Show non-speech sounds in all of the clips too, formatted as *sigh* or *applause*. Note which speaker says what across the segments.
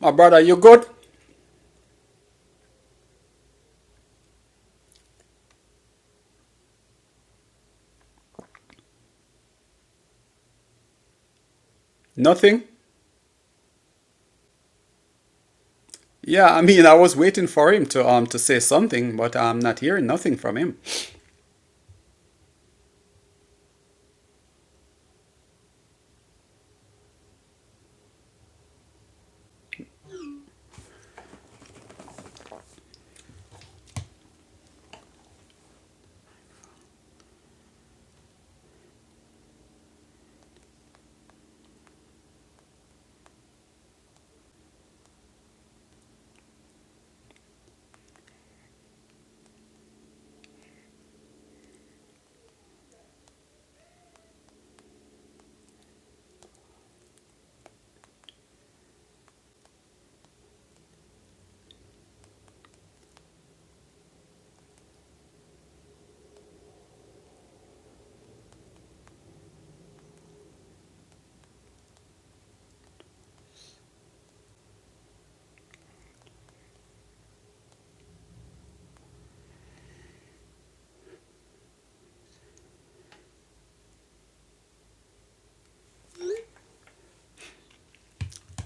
Speaker 1: My brother, you good? Nothing? Yeah, I mean, I was waiting for him to um to say something, but I'm not hearing nothing from him.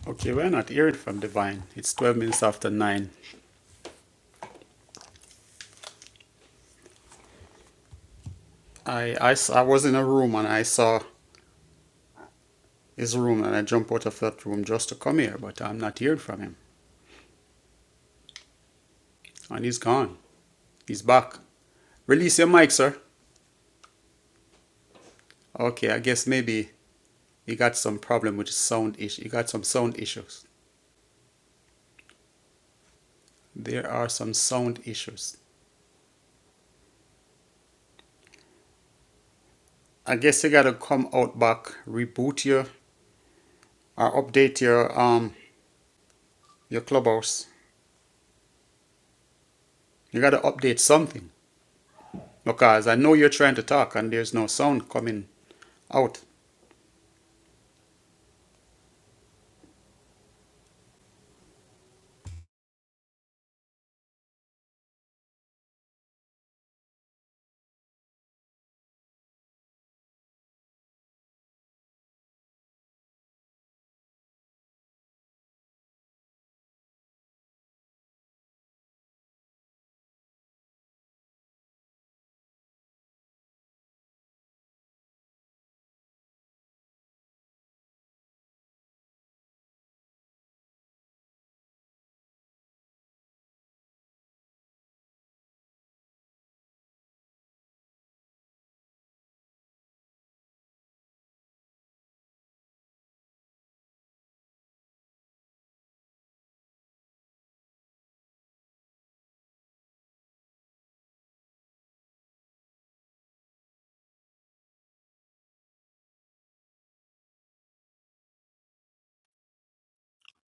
Speaker 1: Okay, we're not hearing from Divine. It's twelve minutes after nine. I I I I was in a room and I saw his room and I jumped out of that room just to come here, but I'm not hearing from him. And he's gone. He's back. Release your mic, sir. Okay, I guess maybe he got some problem with sound issue. He got some sound issues. There are some sound issues. I guess you gotta come out back, reboot you, or update your um your clubhouse. You gotta update something because I know you're trying to talk and there's no sound coming out.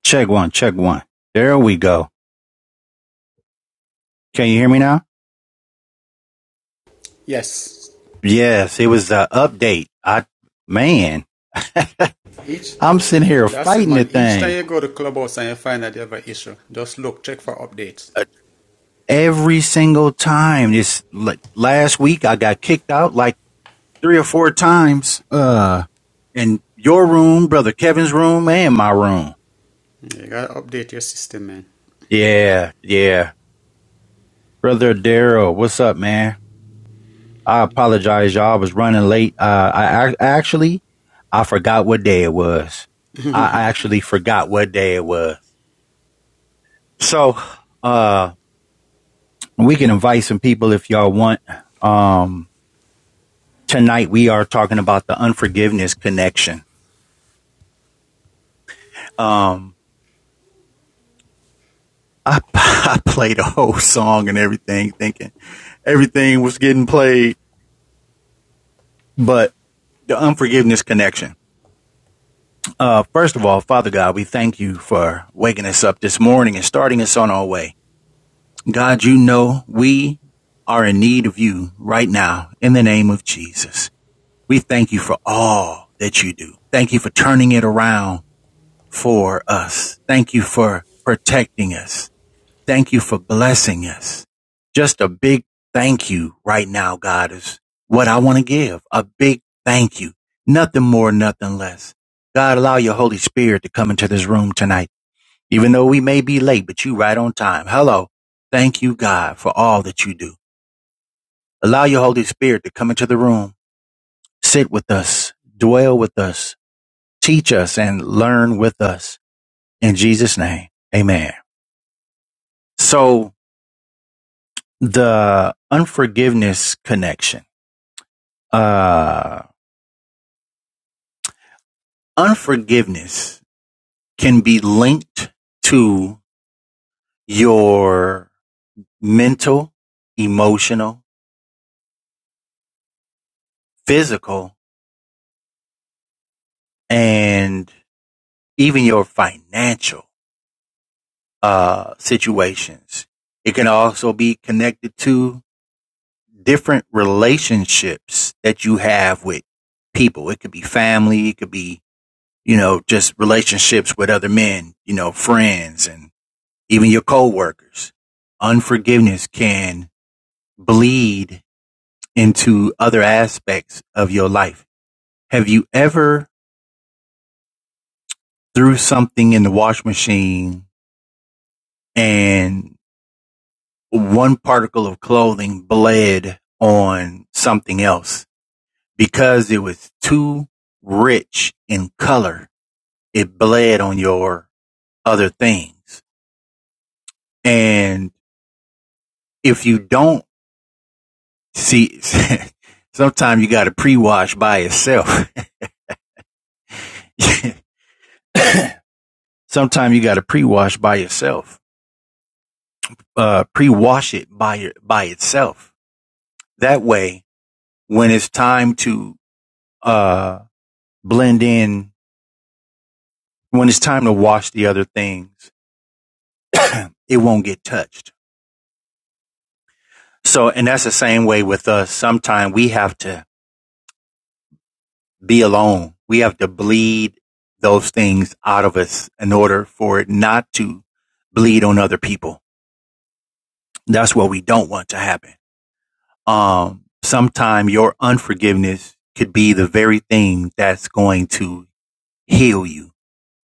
Speaker 2: Check one, check one. There we go. Can you hear me now?
Speaker 1: Yes,
Speaker 2: Yes, it was the update. I, man,
Speaker 1: each
Speaker 2: I'm sitting here
Speaker 1: that's it,
Speaker 2: fighting the
Speaker 1: man. Each time
Speaker 2: thing
Speaker 1: you go to clubhouse and you find that you have an issue, just look, check for updates.
Speaker 2: Uh, every single time. This like, last week, I got kicked out like three or four times. Uh, in your room, brother Kevin's room, and my room.
Speaker 1: You gotta update your system, man.
Speaker 2: Yeah, yeah. Brother Daryl, what's up, man? I apologize, y'all. I was running late. Uh, I, I actually, I forgot what day it was. I, I actually forgot what day it was. So, uh, we can invite some people if y'all want. Um, tonight we are talking about the unforgiveness connection. Um, I, *laughs* I played a whole song and everything thinking everything was getting played, but the unforgiveness connection. Uh, first of all, Father God, we thank you for waking us up this morning and starting us on our way. God, you know we are in need of you right now in the name of Jesus. We thank you for all that you do. Thank you for turning it around for us. Thank you for protecting us. Thank you for blessing us. Just a big thank you right now, God, is what I want to give. A big thank you. Nothing more, nothing less. God, allow your Holy Spirit to come into this room tonight even though we may be late, but you right on time. Hello. Thank you, God, for all that you do. Allow your Holy Spirit to come into the room, sit with us, dwell with us, teach us and learn with us. In Jesus' name. Amen. So the unforgiveness connection, uh, unforgiveness can be linked to your mental, emotional, physical, and even your financial uh, situations. It can also be connected to different relationships that you have with people. It could be family, it could be, you know, just relationships with other men, you know, friends and even your coworkers. Unforgiveness can bleed into other aspects of your life. Have you ever threw something in the wash machine and one particle of clothing bled on something else because it was too rich in color. It bled on your other things. And if you don't see, *laughs* sometimes you got to pre-wash by itself. *laughs* sometimes you got to pre-wash by yourself, uh, pre-wash it by your, by itself. That way, when it's time to, uh, blend in, when it's time to wash the other things, it won't get touched. So, and that's the same way with us. Sometimes we have to be alone. We have to bleed those things out of us in order for it not to bleed on other people. That's what we don't want to happen. Um, sometime your unforgiveness could be the very thing that's going to heal you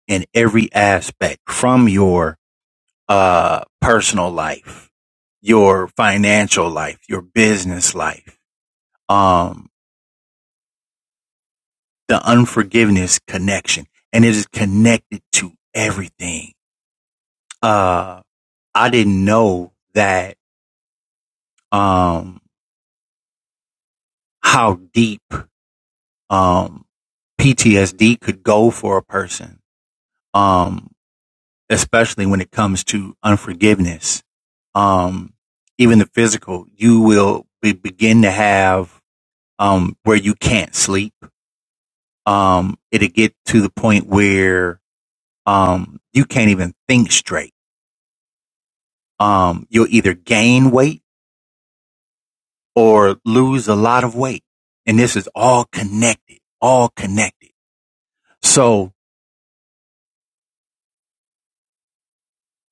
Speaker 2: in every aspect from your uh, personal life, your financial life, your business life, um, the unforgiveness connection and it is connected to everything. Uh, I didn't know that, um, how deep, um, PTSD could go for a person. Um, especially when it comes to unforgiveness. Um, even the physical, you will be, begin to have, um, where you can't sleep. Um, it'll get to the point where, um, you can't even think straight um, you'll either gain weight or lose a lot of weight. And this is all connected, all connected. So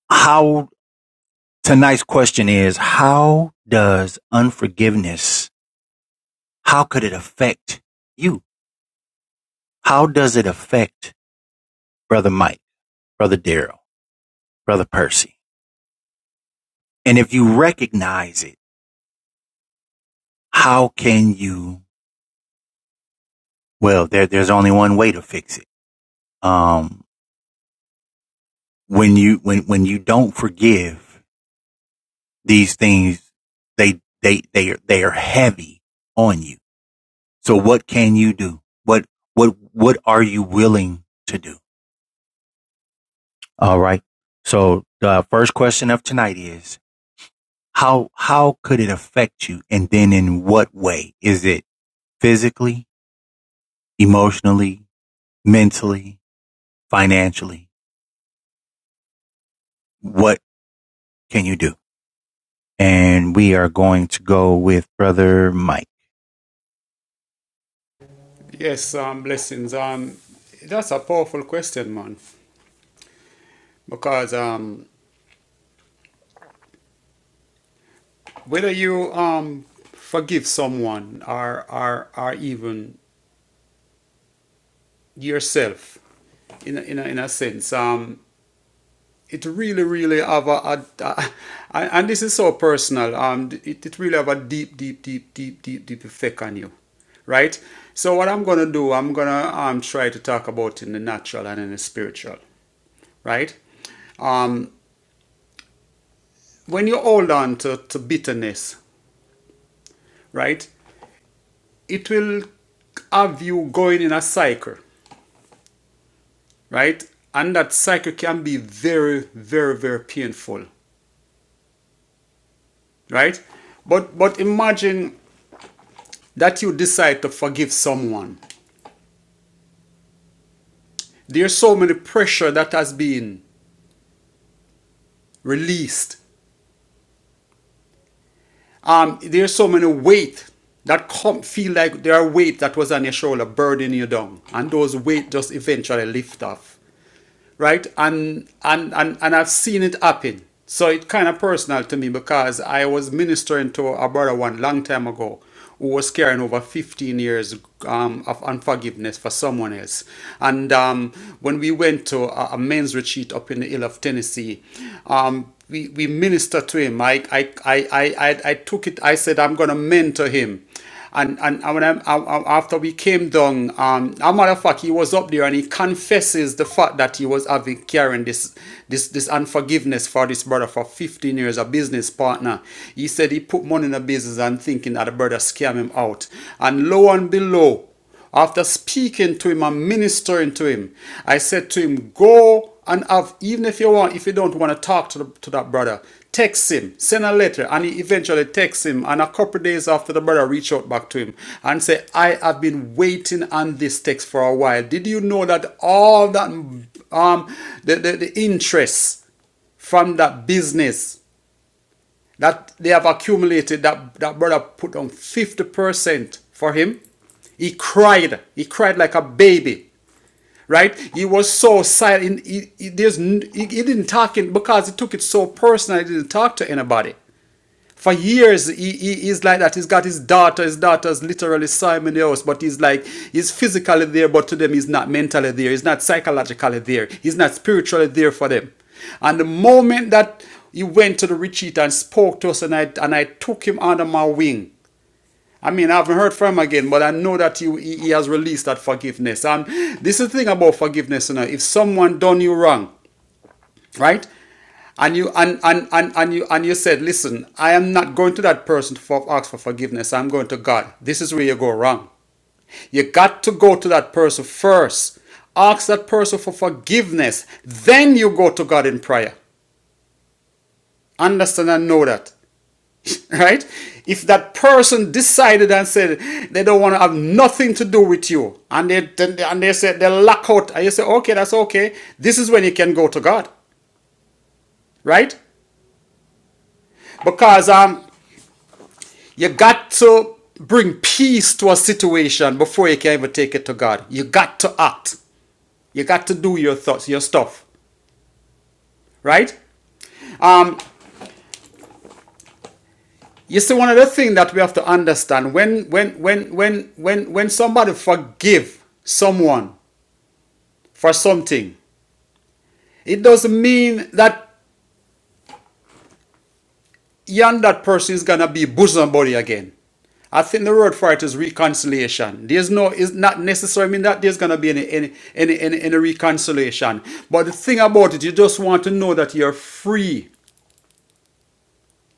Speaker 2: how tonight's question is, how does unforgiveness, how could it affect you? How does it affect brother Mike, brother Daryl, brother Percy? And if you recognize it, how can you, well, there, there's only one way to fix it. Um, when you, when, when you don't forgive, these things, they, they, they, are, they are heavy on you. So what can you do? What, what, what are you willing to do? All right. So the first question of tonight is how, how could it affect you? And then in what way? Is it physically, emotionally, mentally, financially? What can you do? And we are going to go with brother Mike.
Speaker 1: Yes, um, blessings. Um, that's a powerful question, man, because um, whether you um forgive someone or or or even yourself in a, in a, in a sense. Um, it really really have a, a, a- and this is so personal um it, it really have a deep deep deep deep deep deep effect on you right so what i'm gonna do i'm gonna um try to talk about in the natural and in the spiritual right um when you hold on to, to bitterness right it will have you going in a cycle right and that cycle can be very very very painful right but but imagine that you decide to forgive someone There's so many pressure that has been released. Um, there's so many weight that come feel like there are weight that was on your shoulder burdening you down, and those weight just eventually lift off. right? And and and and I've seen it happen. So it's kind of personal to me because I was ministering to a brother one long time ago who was carrying over 15 years um, of unforgiveness for someone else. And um, when we went to a, a men's retreat up in the hill of Tennessee, um, we, we ministered to him. I, I, I, I, I I took it, I said, I'm going to mentor him. And and, and when I, I, after we came down, um, as a matter of fact, he was up there and he confesses the fact that he was having carrying this this this unforgiveness for this brother for 15 years, a business partner. He said he put money in the business and thinking that the brother scam him out. And lo and below. After speaking to him and ministering to him, I said to him, Go and have, even if you want, if you don't want to talk to, the, to that brother, text him, send a letter. And he eventually texts him. And a couple of days after, the brother reached out back to him and said, I have been waiting on this text for a while. Did you know that all that, um, the, the, the interest from that business that they have accumulated that that brother put on 50% for him he cried he cried like a baby right he was so silent he, he, there's, he, he didn't talk in because he took it so personal he didn't talk to anybody for years he, he he's like that he's got his daughter his daughter's literally saw him in the house but he's like he's physically there but to them he's not mentally there he's not psychologically there he's not spiritually there for them and the moment that he went to the retreat and spoke to us and i and i took him under my wing I mean, I haven't heard from him again, but I know that he, he he has released that forgiveness. And this is the thing about forgiveness, you know. If someone done you wrong, right and you and, and and and you and you said listen i am not going to that person to for, ask for forgiveness i'm going to god this is where you go wrong you got to go to that person first ask that person for forgiveness then you go to god in prayer understand and know that *laughs* right if that person decided and said they don't want to have nothing to do with you and they and they said they lack out and you say okay that's okay this is when you can go to god right Because um, you got to bring peace to a situation before you can even take it to God. You got to act. You got to do your thoughts, your stuff, right? Um, you see, one of the things that we have to understand when when when when when when somebody forgive someone for something, it doesn't mean that and that person is gonna be bosom buddy again. I think the word for it is reconciliation. There's no, it's not necessary. I mean that there's gonna be any any any any, any reconciliation. But the thing about it, you just want to know that you're free.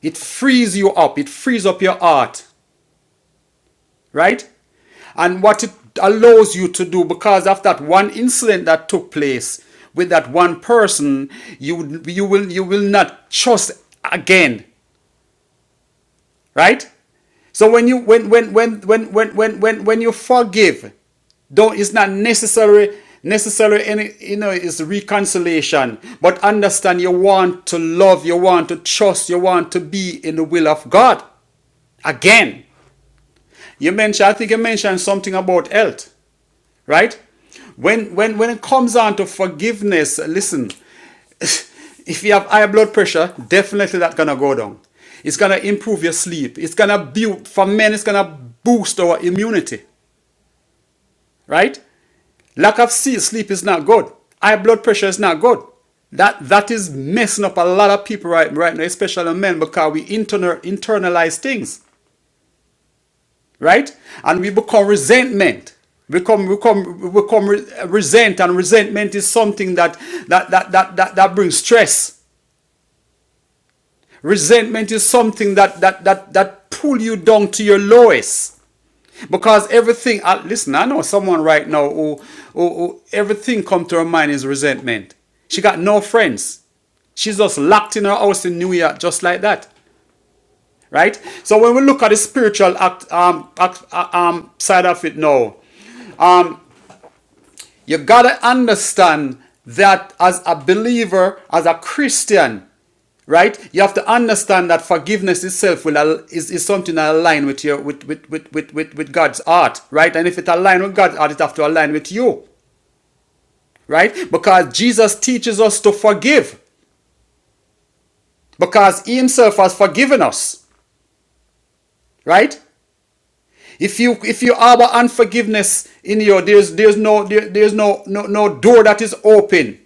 Speaker 1: It frees you up. It frees up your heart, right? And what it allows you to do, because of that one incident that took place with that one person, you you will you will not trust again. right so when you when when when when when when when, when you forgive don't it's not necessary necessary any you know it's reconciliation but understand you want to love you want to trust you want to be in the will of god again you mentioned i think you mentioned something about health right when when when it comes down to forgiveness listen *laughs* if you have high blood pressure definitely that's gonna go down it's gonna improve your sleep it's gonna build for men it's gonna boost our immunity right lack of se- sleep is not good high blood pressure is not good that that is messing up a lot of people right right now especially men because we internal internalize things right? And we become resentment. We come, we come, we become re- resent, and resentment is something that that that that that, that brings stress. Resentment is something that that that that pull you down to your lowest. Because everything, uh, listen, I know someone right now who, who, who everything come to her mind is resentment. She got no friends. She's just locked in her house in New York, just like that, right? So when we look at the spiritual act, um, act, uh, um, side of it now, You gotta understand that as a believer, as a Christian, right? You have to understand that forgiveness itself will is, is something that aligns with your with with, with, with, with with God's art, right? And if it aligns with God's art, it has to align with you, right? Because Jesus teaches us to forgive, because He Himself has forgiven us, right? If you if you harbor unforgiveness in you, there's there's no there- there's no no no door that is open.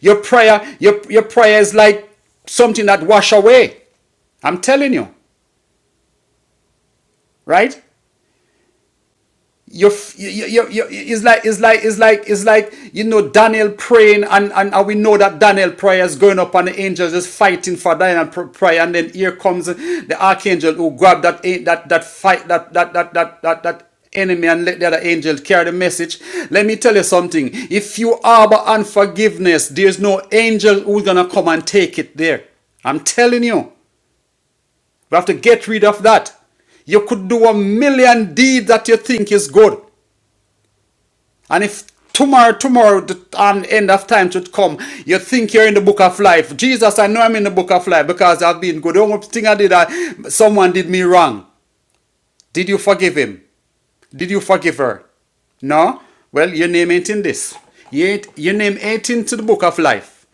Speaker 1: Your prayer your your prayer is like something that wash away. I'm telling you, right? You're, you you you it's like it's like it's like it's like you know Daniel praying and, and and we know that Daniel prayer is going up and the angels is fighting for Daniel pr- prayer and then here comes the archangel who grabbed that eh, that that fight that that that that that, that enemy and let the other angel carry the message. Let me tell you something. If you harbor unforgiveness, there's no angel who's gonna come and take it there. I'm telling you, we have to get rid of that. You could do a million deeds that you think is good. And if tomorrow, tomorrow, the and end of time should come, you think you're in the book of life. Jesus, I know I'm in the book of life because I've been good. The only thing I did, I, someone did me wrong. Did you forgive him? Did you forgive her? No? Well, your name ain't in this. You ain't, your name ain't into the book of life.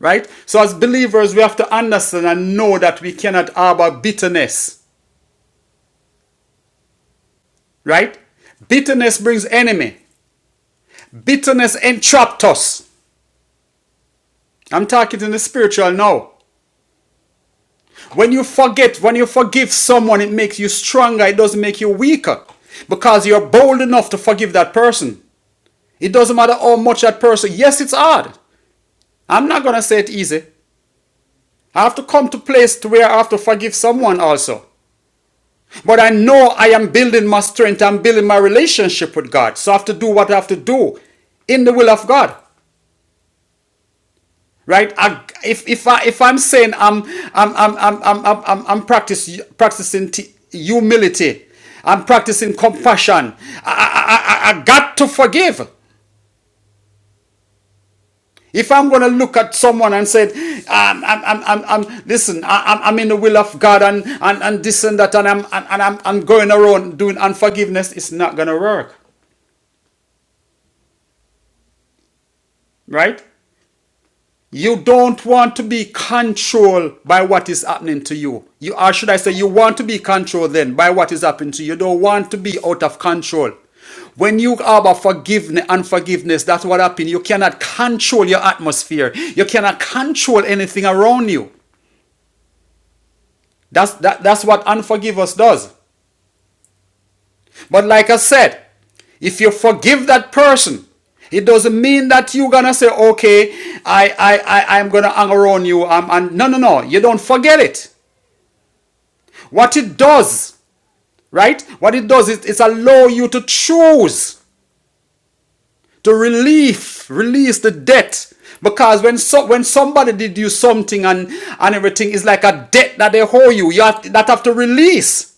Speaker 1: Right? So, as believers, we have to understand and know that we cannot harbor bitterness. Right? Bitterness brings enemy. Bitterness entrapped us. I'm talking in the spiritual now. When you forget, when you forgive someone, it makes you stronger. It doesn't make you weaker because you're bold enough to forgive that person. It doesn't matter how much that person. Yes, it's hard. I'm not gonna say it easy. I have to come to a place to where I have to forgive someone also. But I know I am building my strength. I'm building my relationship with God. So I have to do what I have to do in the will of God. right I, if if i if i'm saying i'm i'm i'm i'm i'm i'm, I'm, I'm practice, practicing t- humility i'm practicing compassion I, I i i got to forgive if i'm going to look at someone and say um, I'm, I'm, I'm, I'm listen I, I'm, I'm in the will of god and, and and this and that and i'm and, and i'm i'm going around doing unforgiveness it's not going to work right You don't want to be controlled by what is happening to you. You or should I say you want to be controlled then by what is happening to you. You don't want to be out of control. When you harbor forgiveness and forgiveness, that's what happens. You cannot control your atmosphere. You cannot control anything around you. That's that, that's what unforgiveness does. But like I said, if you forgive that person, it doesn't mean that you're gonna say, okay, I I, I I'm gonna hang around you. Um, and no no no, you don't forget it. What it does, right? What it does is it's allow you to choose to relieve, release the debt. Because when so, when somebody did you something and and everything is like a debt that they owe you, you have, that have to release.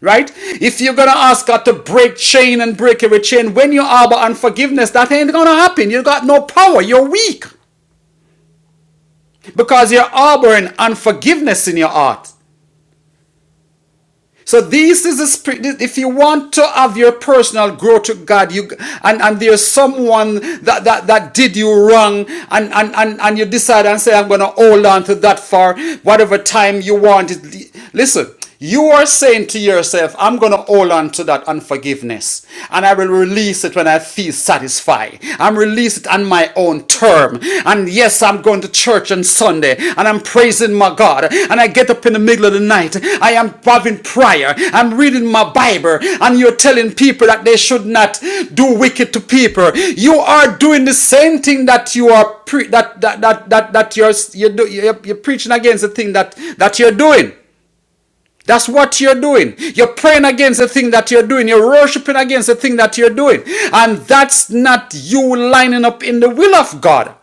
Speaker 1: Right? If you're gonna ask God to break chain and break every chain, when you harbor unforgiveness, that ain't gonna happen. You got no power. You're weak because you're harboring unforgiveness in your heart. So this is the spirit. If you want to have your personal growth to God, you and, and there's someone that, that, that did you wrong, and, and, and, and you decide and say, I'm gonna hold on to that for whatever time you want it. Listen, you are saying to yourself, I'm going to hold on to that unforgiveness and I will release it when I feel satisfied. I'm releasing release it on my own term. And yes, I'm going to church on Sunday and I'm praising my God. And I get up in the middle of the night. I am having prayer. I'm reading my Bible. And you're telling people that they should not do wicked to people. You are doing the same thing that you are pre- that, that that that that you're you do, you're, you're preaching against the thing that that you're doing. That's what you're doing. You're praying against the thing that you're doing. You're worshiping against the thing that you're doing. And that's not you lining up in the will of God.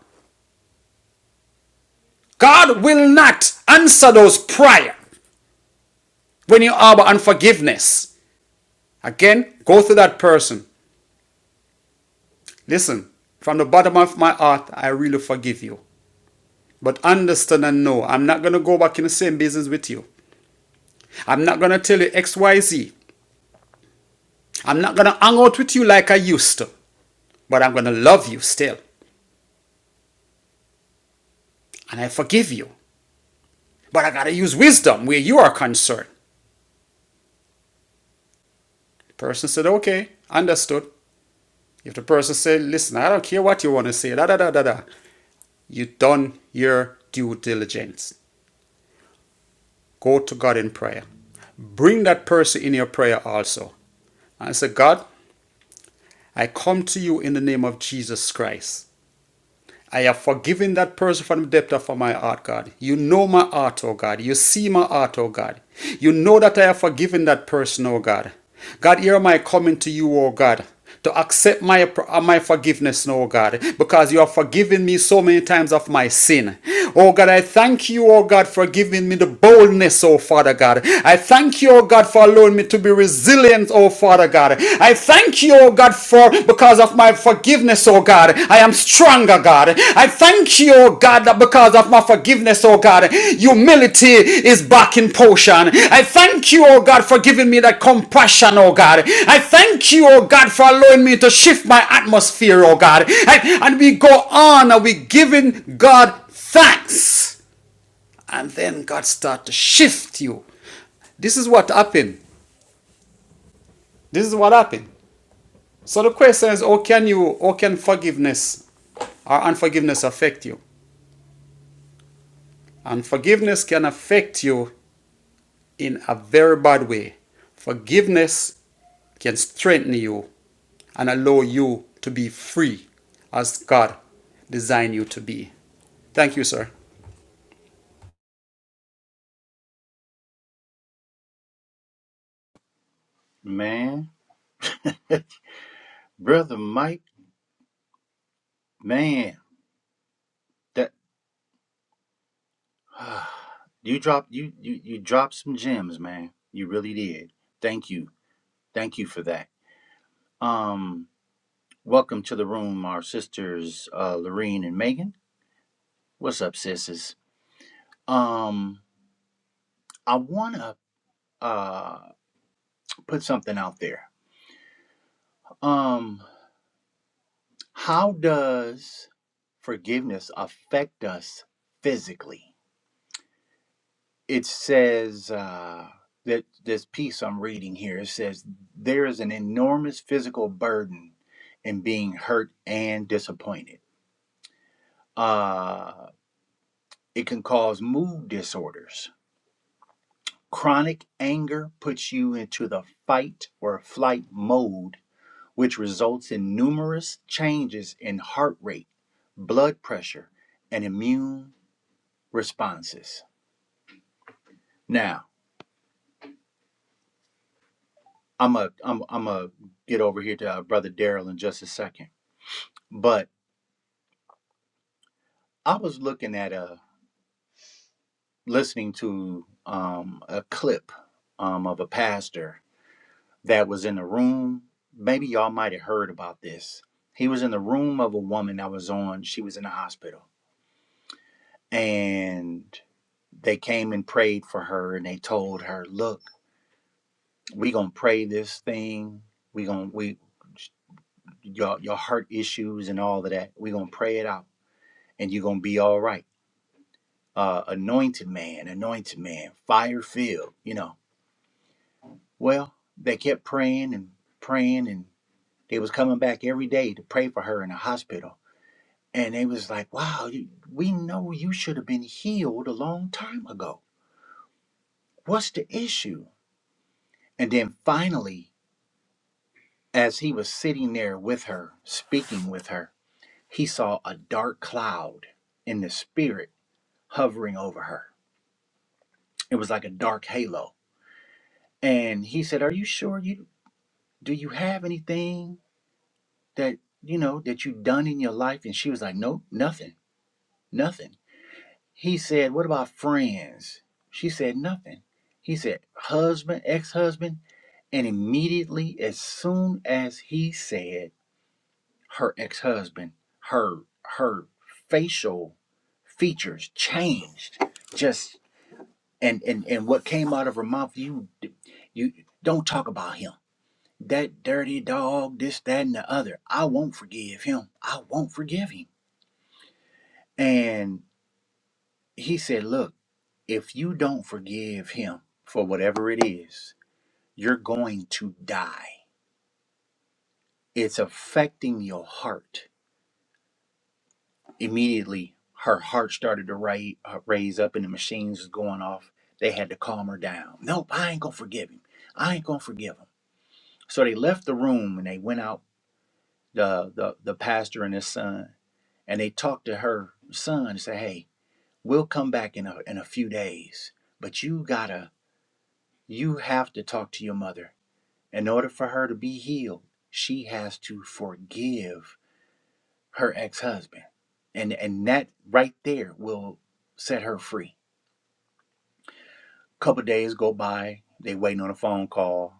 Speaker 1: God will not answer those prayers when you harbor unforgiveness. Again, go to that person. Listen, from the bottom of my heart, I really forgive you. But understand and know, I'm not going to go back in the same business with you. I'm not going to tell you X, Y, am not going to hang out with you like I used to. But I'm going to love you still. and I forgive you. But I gotta use wisdom where you are concerned. The person said, okay, understood. If the person said, listen, I don't care what you want to say, da da da da da, you done your due diligence. Go to God in prayer. Bring that person in your prayer also. And say, God, I come to you in the name of Jesus Christ. I have forgiven that person from the depth of my heart, God. You know my heart, oh God. You see my heart, oh God. You know that I have forgiven that person, oh God. God, here am I coming to you, oh God, to accept my, uh, my forgiveness, oh God, because you have forgiven me so many times of my sin. Oh God, I thank you, oh God, for giving me the boldness, oh Father God. I thank you, oh God, for allowing me to be resilient Oh, Father God, I thank you, oh God, for because of my forgiveness, oh God, I am stronger, God. I thank you, oh God, that because of my forgiveness, oh God, humility is back in potion. I thank you, oh God, for giving me that compassion, oh God. I thank you, oh God, for allowing me to shift my atmosphere, oh God. I- and we go on and we giving God thanks. And then God start to shift you. This is what happened. This is what happened. So the question is, how can you, how can forgiveness or unforgiveness affect you? And forgiveness can affect you in a very bad way. Forgiveness can strengthen you and allow you to be free as God designed you to be. Thank you, sir.
Speaker 2: Man, *laughs* brother Mike, man, that *sighs* You dropped you you you dropped some gems, man. You really did. Thank you. Thank you for that. Um welcome to the room our sisters uh Lorene and Megan. What's up, sisses? Um I want to uh put something out there. Um how does forgiveness affect us physically? it says uh, that this piece I'm reading here it says there is an enormous physical burden in being hurt and disappointed. Uh, it can cause mood disorders. Chronic anger puts you into the fight or flight mode, which results in numerous changes in heart rate, blood pressure, and immune responses. Now, I'm a, I'm, I'm a get over here to uh, brother Daryl in just a second But I was looking at a listening to um, a clip um, of a pastor that was in a room. Maybe y'all might have heard about this. He was in the room of a woman that was on. She was in the hospital, and they came and prayed for her, and they told her, "Look, we gonna pray this thing. We gonna we your your heart issues and all of that. We gonna pray it out, and you are gonna be all right." Uh, anointed man, anointed man, fire filled, you know Well, they kept praying and praying, and they was coming back every day to pray for her in the hospital. And they was like, "Wow, you, we know you should have been healed a long time ago. What's the issue?" And then finally, as he was sitting there with her, speaking with her, he saw a dark cloud in the spirit hovering over her. It was like a dark halo. And he said, "Are you sure you do you have anything?" that you know that you done in your life and she was like "Nope, nothing nothing he said what about friends she said nothing he said husband ex-husband and immediately as soon as he said her ex-husband her her facial features changed just and and and what came out of her mouth you you don't talk about him that dirty dog this that and the other i won't forgive him i won't forgive him And he said, Look, if you don't forgive him for whatever it is, you're going to die. It's affecting your heart. Immediately, her heart started to ri- uh, raise up and the machines was going off. They had to calm her down. Nope, I ain't going to forgive him. I ain't going to forgive him. So they left the room and they went out, the, the, the pastor and his son, and they talked to her son and said, Hey, we'll come back in a, in a few days, but you got to You have to talk to your mother. In order for her to be healed, she has to forgive her ex-husband. And and that right there will set her free. A Couple days go by, they waiting on a phone call.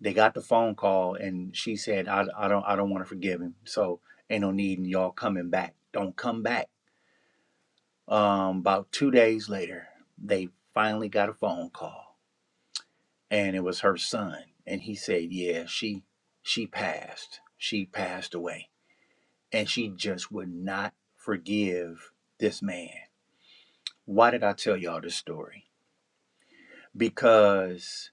Speaker 2: They got the phone call and she said, I, I don't I don't want to forgive him. So ain't no need in y'all coming back. Don't come back. Um about two days later, they finally got a phone call. and it was her son and he said yeah she she passed she passed away and she just would not forgive this man why did i tell y'all this story because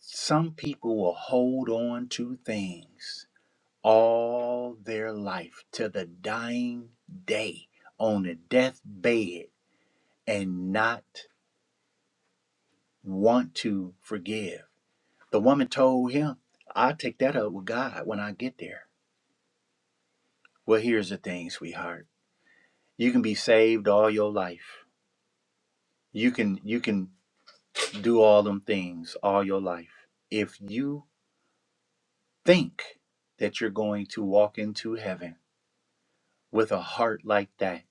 Speaker 2: some people will hold on to things all their life till the dying day on the deathbed and not want to forgive the woman told him i'll take that up with god when i get there Well, here's the thing, sweetheart. You can be saved all your life. You can you can do all them things all your life. If you think that you're going to walk into heaven with a heart like that,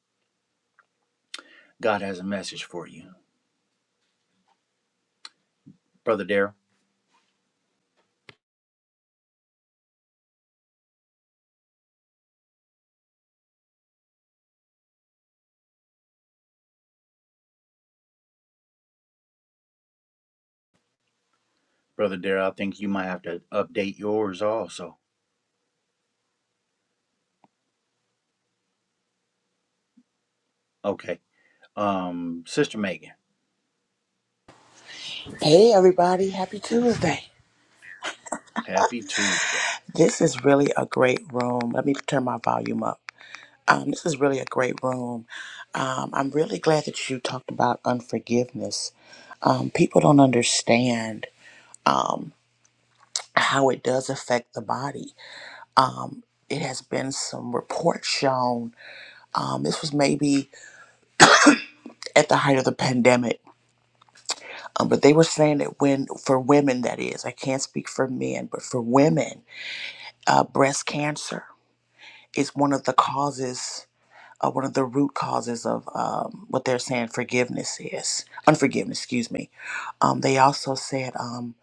Speaker 2: God has a message for you. Brother Darrell. Brother Darrell, I think you might have to update yours also. Okay. Um, Sister Megan,
Speaker 3: Hey everybody, happy Tuesday.
Speaker 2: happy Tuesday.
Speaker 3: This is really a great room. Let me turn my volume up. Um, this is really a great room. Um, I'm really glad that you talked about unforgiveness. Um, people don't understand um, how it does affect the body. Um, it has been some reports shown. Um, this was maybe at the height of the pandemic, um, but they were saying that when, for women, that is, I can't speak for men, but for women, uh, breast cancer is one of the causes, uh, one of the root causes of um, what they're saying forgiveness is, unforgiveness, excuse me. Um, they also said um,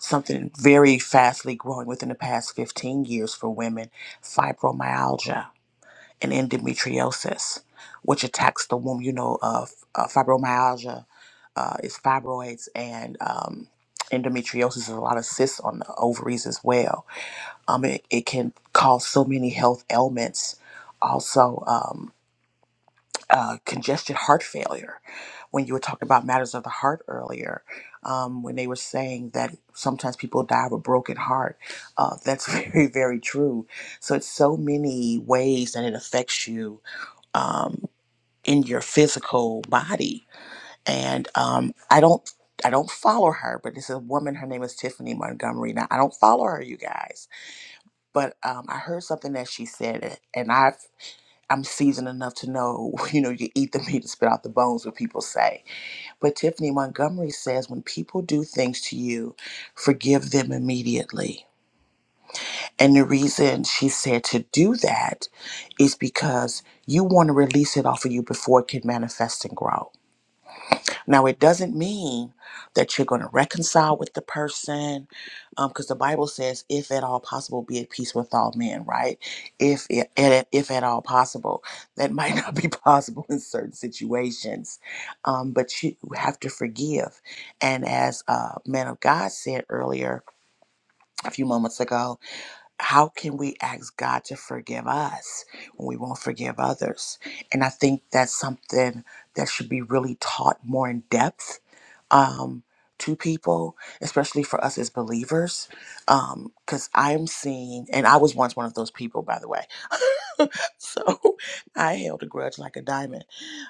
Speaker 3: something very fastly growing within the past 15 years for women fibromyalgia and endometriosis, which attacks the womb. You know, uh, f- uh, fibromyalgia uh, is fibroids, and um, endometriosis is a lot of cysts on the ovaries as well um, it, it can cause so many health ailments. Also, um, uh, congested heart failure. When you were talking about matters of the heart earlier, um, when they were saying that sometimes people die of a broken heart, uh, that's *laughs* very, very true. So it's so many ways that it affects you um, in your physical body. And um, I don't I don't follow her, but it's a woman. Her name is Tiffany Montgomery. Now I don't follow her, you guys but um, I heard something that she said, and I've I'm seasoned enough to know, *laughs* you know, you eat the meat and spit out the bones, what people say. But Tiffany Montgomery says, when people do things to you, forgive them immediately. And the reason she said to do that is because you want to release it off of you before it can manifest and grow now, it doesn't mean that you're going to reconcile with the person, because the Bible says, "If at all possible, be at peace with all men." Right? If if if at all possible, that might *laughs* not be possible in certain situations, um, but you have to forgive. And as uh, man of God said earlier a few moments ago, how can we ask God to forgive us when we won't forgive others? And I think that's something that should be really taught more in depth um, to people, especially for us as believers. Because I'm seeing, and I was once one of those people, by the way. *laughs* So I held a grudge like a diamond.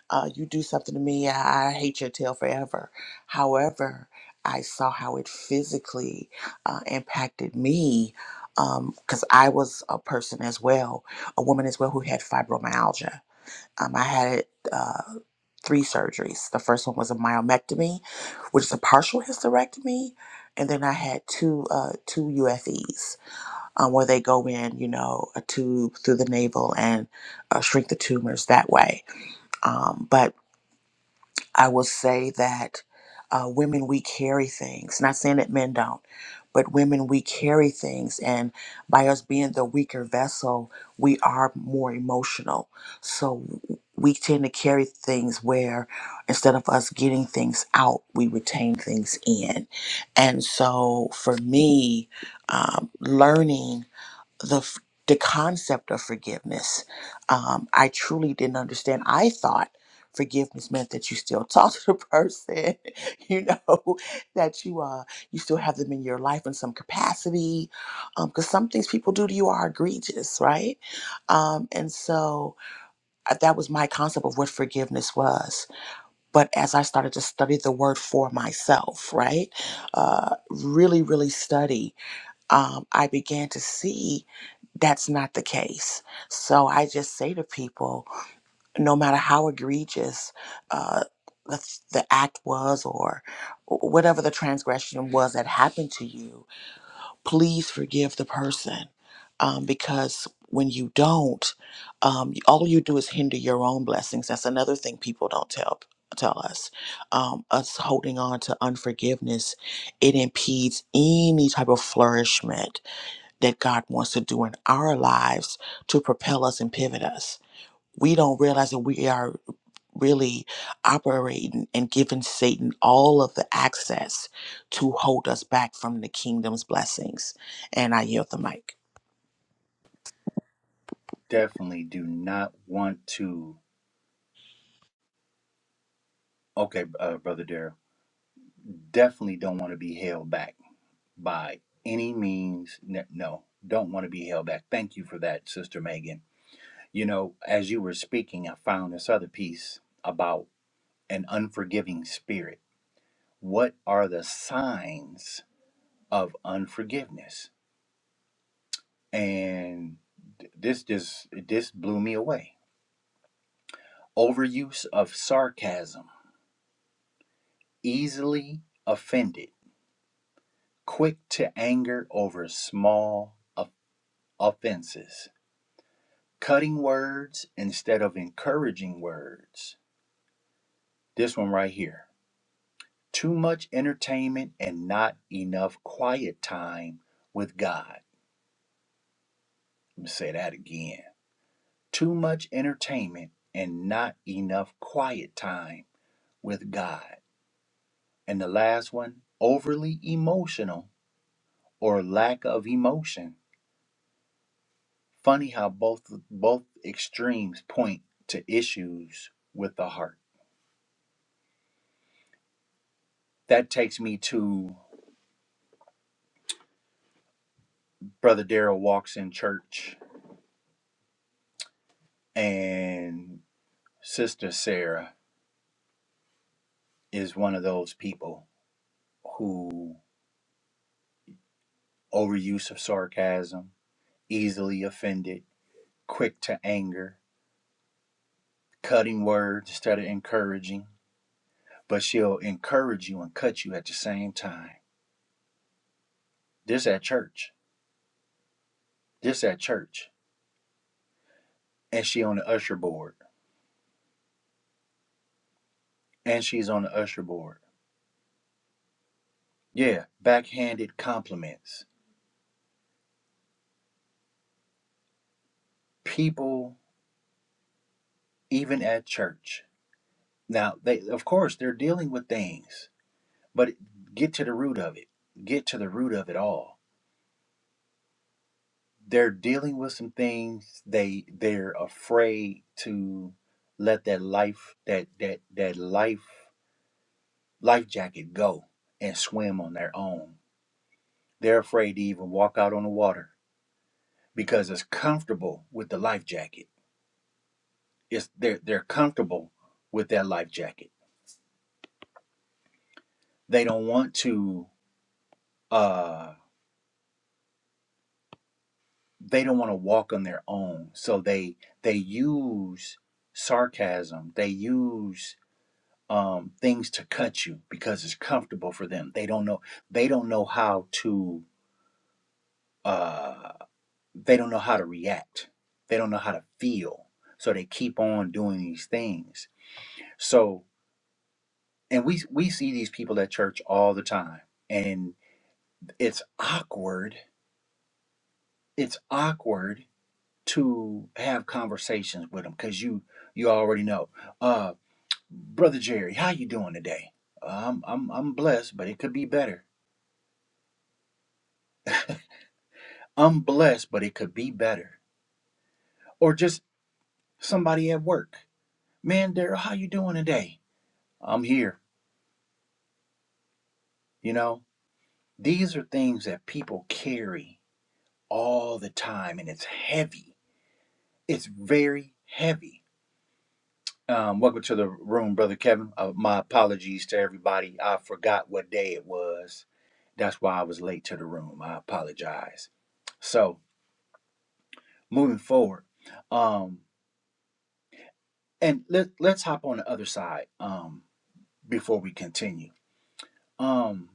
Speaker 3: Uh, you do something to me, I, I hate your tail forever. However, I saw how it physically uh, impacted me because I was a person as well, a woman as well, who had fibromyalgia um, I had uh, three surgeries. The first one was a myomectomy, which is a partial hysterectomy, and then I had two uh, two UFEs, um, where they go in, you know, a tube through the navel and uh, shrink the tumors that way. Um, but I will say that uh, women, we carry things. Not saying that men don't, but women, we carry things. And by us being the weaker vessel, we are more emotional. So we tend to carry things where instead of us getting things out, we retain things in. And so for me, um, learning the f- the concept of forgiveness. Um, I truly didn't understand. I thought forgiveness meant that you still *laughs* talk to the person, *laughs* you know, that you uh you still have them in your life in some capacity, because some things people do to you are egregious, right? Um, and so uh, that was my concept of what forgiveness was. But as I started to study the word for myself, right, uh, really, really study um, I began to see that's not the case. So I just say to people, no matter how egregious uh, the, the act was or whatever the transgression was that happened to you, please forgive the person um, because when you don't, um, all you do is hinder your own blessings. That's another thing people don't tell tell us. Um, us holding on to unforgiveness, it impedes any type of flourishment that God wants to do in our lives to propel us and pivot us. We don't realize that we are really operating and giving Satan all of the access to hold us back from the kingdom's blessings. And I yield the mic.
Speaker 2: Definitely do not want to Okay, uh, Brother Darrell. definitely don't want to be held back by any means. No, don't want to be held back. Thank you for that, Sister Megan. You know, as you were speaking, I found this other piece about an unforgiving spirit. What are the signs of unforgiveness? And th- this just this blew me away. Overuse of sarcasm, easily offended, quick to anger over small of- offenses Cutting words instead of encouraging words. This one right here. Too much entertainment and not enough quiet time with God. Let me say that again. Too much entertainment and not enough quiet time with God. And the last one, overly emotional or lack of emotion. Funny how both both extremes point to issues with the heart. That takes me to Brother Daryl walks in church, and Sister Sarah is one of those people who overuse of sarcasm, easily offended, quick to anger, cutting words instead of encouraging, but she'll encourage you and cut you at the same time. This at church. This at church. And she on the usher board. And she's on the usher board. Yeah, backhanded compliments. People, even at church Now, they of course they're dealing with things, but get to the root of it. Get to the root of it all. They're dealing with some things they they're afraid to let that life that that that life life jacket go and swim on their own. They're afraid to even walk out on the water because it's comfortable with the life jacket. It's they're they're comfortable with that life jacket. They don't want to uh they don't want to walk on their own so they they use sarcasm they use um, things to cut you because it's comfortable for them they don't know they don't know how to uh, they don't know how to react they don't know how to feel so they keep on doing these things so and we we see these people at church all the time and it's awkward it's awkward to have conversations with them because you you already know. Uh, brother Jerry, how you doing today? Uh, I'm I'm I'm blessed, but it could be better. I'm blessed, but it could be better. Or just somebody at work, man, Daryl, how you doing today? I'm here. You know, these are things that people carry all the time, and it's heavy. It's very heavy. Um, welcome to the room, Brother Kevin. Uh, my apologies to everybody. I forgot what day it was. That's why I was late to the room. I apologize. So, moving forward, um, and let, let's hop on the other side um, before we continue. Um,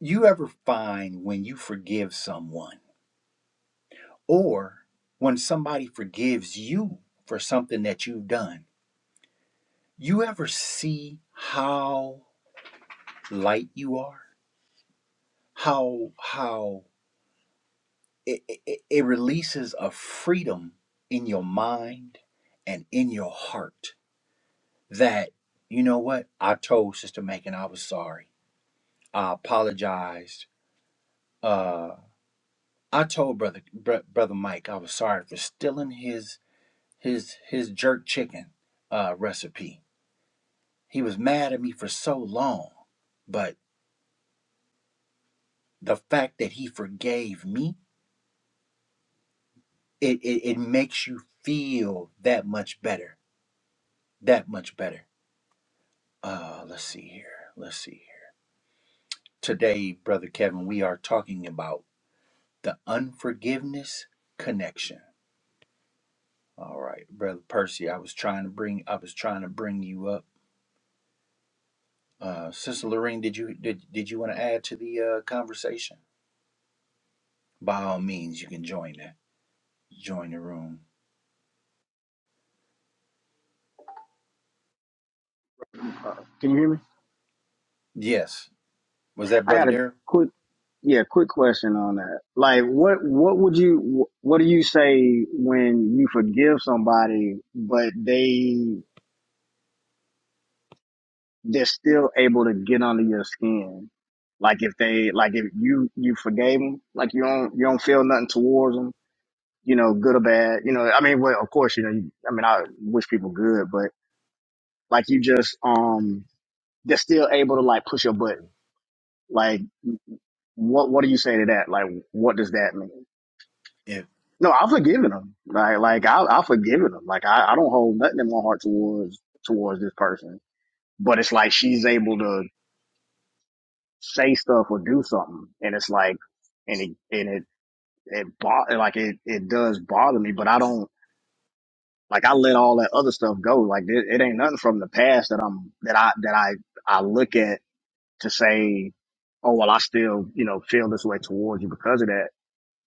Speaker 2: you ever find when you forgive someone or when somebody forgives you for something that you've done, you ever see how light you are? How, how it, it, it releases a freedom in your mind and in your heart that you know what i told sister Macon i was sorry i apologized uh i told brother br- brother mike i was sorry for stealing his his his jerk chicken uh recipe he was mad at me for so long but the fact that he forgave me it it, it makes you feel that much better that much better Uh, let's see here. Let's see here. Today, Brother Kevin, we are talking about the unforgiveness connection. All right, Brother Percy, I was trying to bring I was trying to bring you up. Uh, Sister Lorraine, did you did, did you want to add to the uh, conversation? By all means, you can join that. Join the room.
Speaker 4: Can you hear me?
Speaker 2: Yes. Was that
Speaker 4: I
Speaker 2: Brother
Speaker 4: got a
Speaker 2: Darrell?
Speaker 4: quick, yeah, quick question on that. Like, what, what would you, what do you say when you forgive somebody, but they, they're still able to get under your skin? Like if they, like if you, you forgave them, like you don't, you don't feel nothing towards them, you know, good or bad, you know, I mean, well, of course, you know, you, I mean, I wish people good, but like you just, um, they're still able to like push your button. Like, what, what do you say to that? Like, what does that mean?
Speaker 2: If
Speaker 4: No, I've forgiven him. Like, like I, I've forgiven him. Like, I, I don't hold nothing in my heart towards towards this person. But it's like she's able to say stuff or do something, and it's like, and it and it it bo- like it it does bother me. But I don't like I let all that other stuff go. Like it, it ain't nothing from the past that I'm that I that I I look at to say, oh well, I still you know feel this way towards you because of that.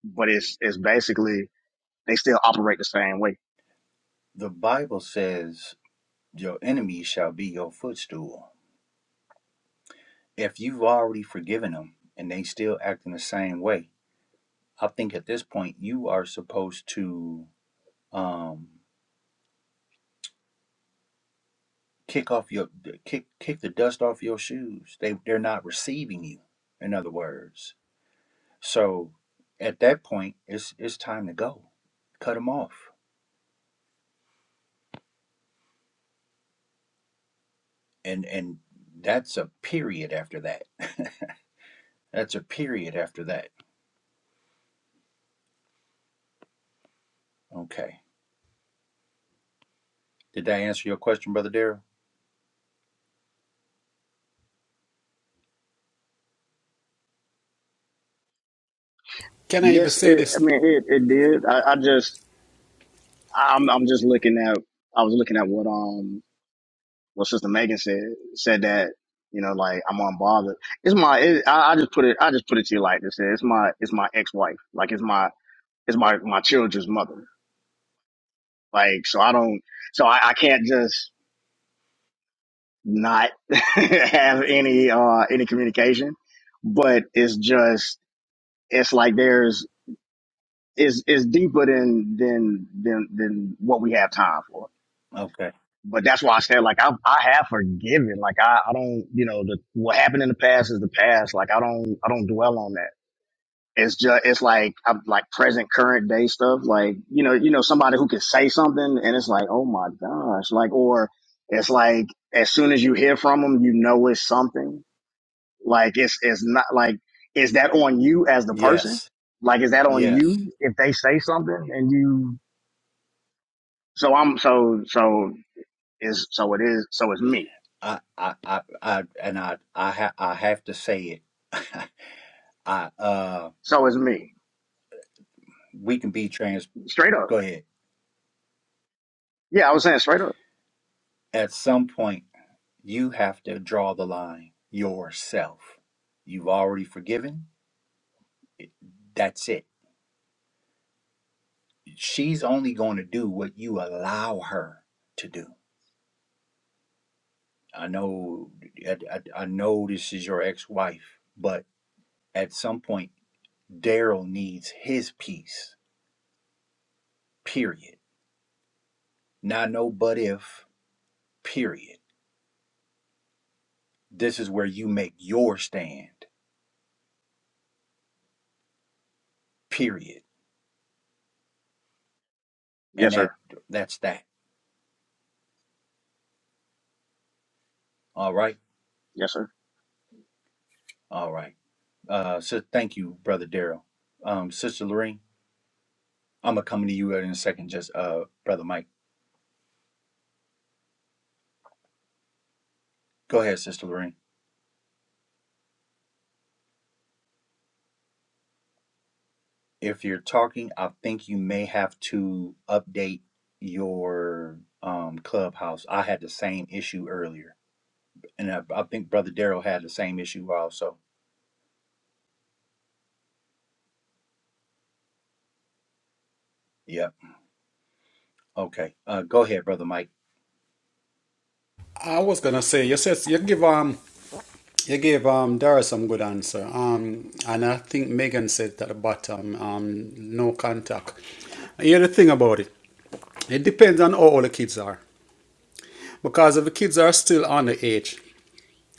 Speaker 4: But it's it's basically they still operate the same way
Speaker 2: the Bible says your enemy shall be your footstool, if you've already forgiven them and they still acting the same way, I think at this point you are supposed to um, kick off your kick kick the dust off your shoes. They they're not receiving you. In other words, so at that point it's it's time to go. Cut them off, and and that's a period after that. *laughs* that's a period after that. Okay. Did that answer your question, brother Darrell?
Speaker 1: Can I even
Speaker 4: Yes, it,
Speaker 1: say
Speaker 4: I
Speaker 1: this?
Speaker 4: mean it. It did. I, I just, I'm, I'm just looking at. I was looking at what um, what Sister Megan said said that you know, like I'm unbothered. It's my. It, I, I just put it. I just put it to you like this. It's my. It's my ex-wife. Like it's my. It's my my children's mother. Like so, I don't. So I, I can't just not *laughs* have any uh any communication. But it's just. It's like there's. It's it's deeper than than than than what we have time for
Speaker 2: Okay.
Speaker 4: but that's why I said like I I have forgiven. Like I I don't you know the what happened in the past is the past. Like I don't I don't dwell on that. It's just it's like I'm like present current day stuff. Like you know you know somebody who can say something and it's like oh my gosh like or it's like as soon as you hear from them you know it's something. Like it's it's not like is that on you as the person?
Speaker 2: Yes.
Speaker 4: Like is that on
Speaker 2: Yes.
Speaker 4: you if they say something and you so I'm so so is so it is so it's me
Speaker 2: I I I, I and I I ha- I have to say it. *laughs* I uh
Speaker 4: so it's me
Speaker 2: we can be trans.
Speaker 4: Straight up.
Speaker 2: Go ahead.
Speaker 4: Yeah, I was saying straight up.
Speaker 2: At some point, you have to draw the line yourself. You've already forgiven. That's it. She's only going to do what you allow her to do. I know. I, I, I know this is your ex-wife, but at some point, Daryl needs his peace. Period. Not no but if. Period. This is where you make your stand. Period. And
Speaker 4: Yes, sir.
Speaker 2: that that's that. All right.
Speaker 4: Yes, sir.
Speaker 2: All right. Uh, so thank you, brother Daryl. Um, sister Lorraine, I'm gonna come to you in a second. Just uh, brother Mike, go ahead, sister Lorraine. If you're talking, I think you may have to update your um clubhouse. I had the same issue earlier, and I, I think brother Daryl had the same issue also. Yep. Okay. Uh, go ahead, brother Mike.
Speaker 1: I was gonna say you said you give um you gave um Dara some good answer. Um and I think Megan said at the bottom, um no contact. Here's the thing about it. It depends on how old the kids are, because if the kids are still on the age,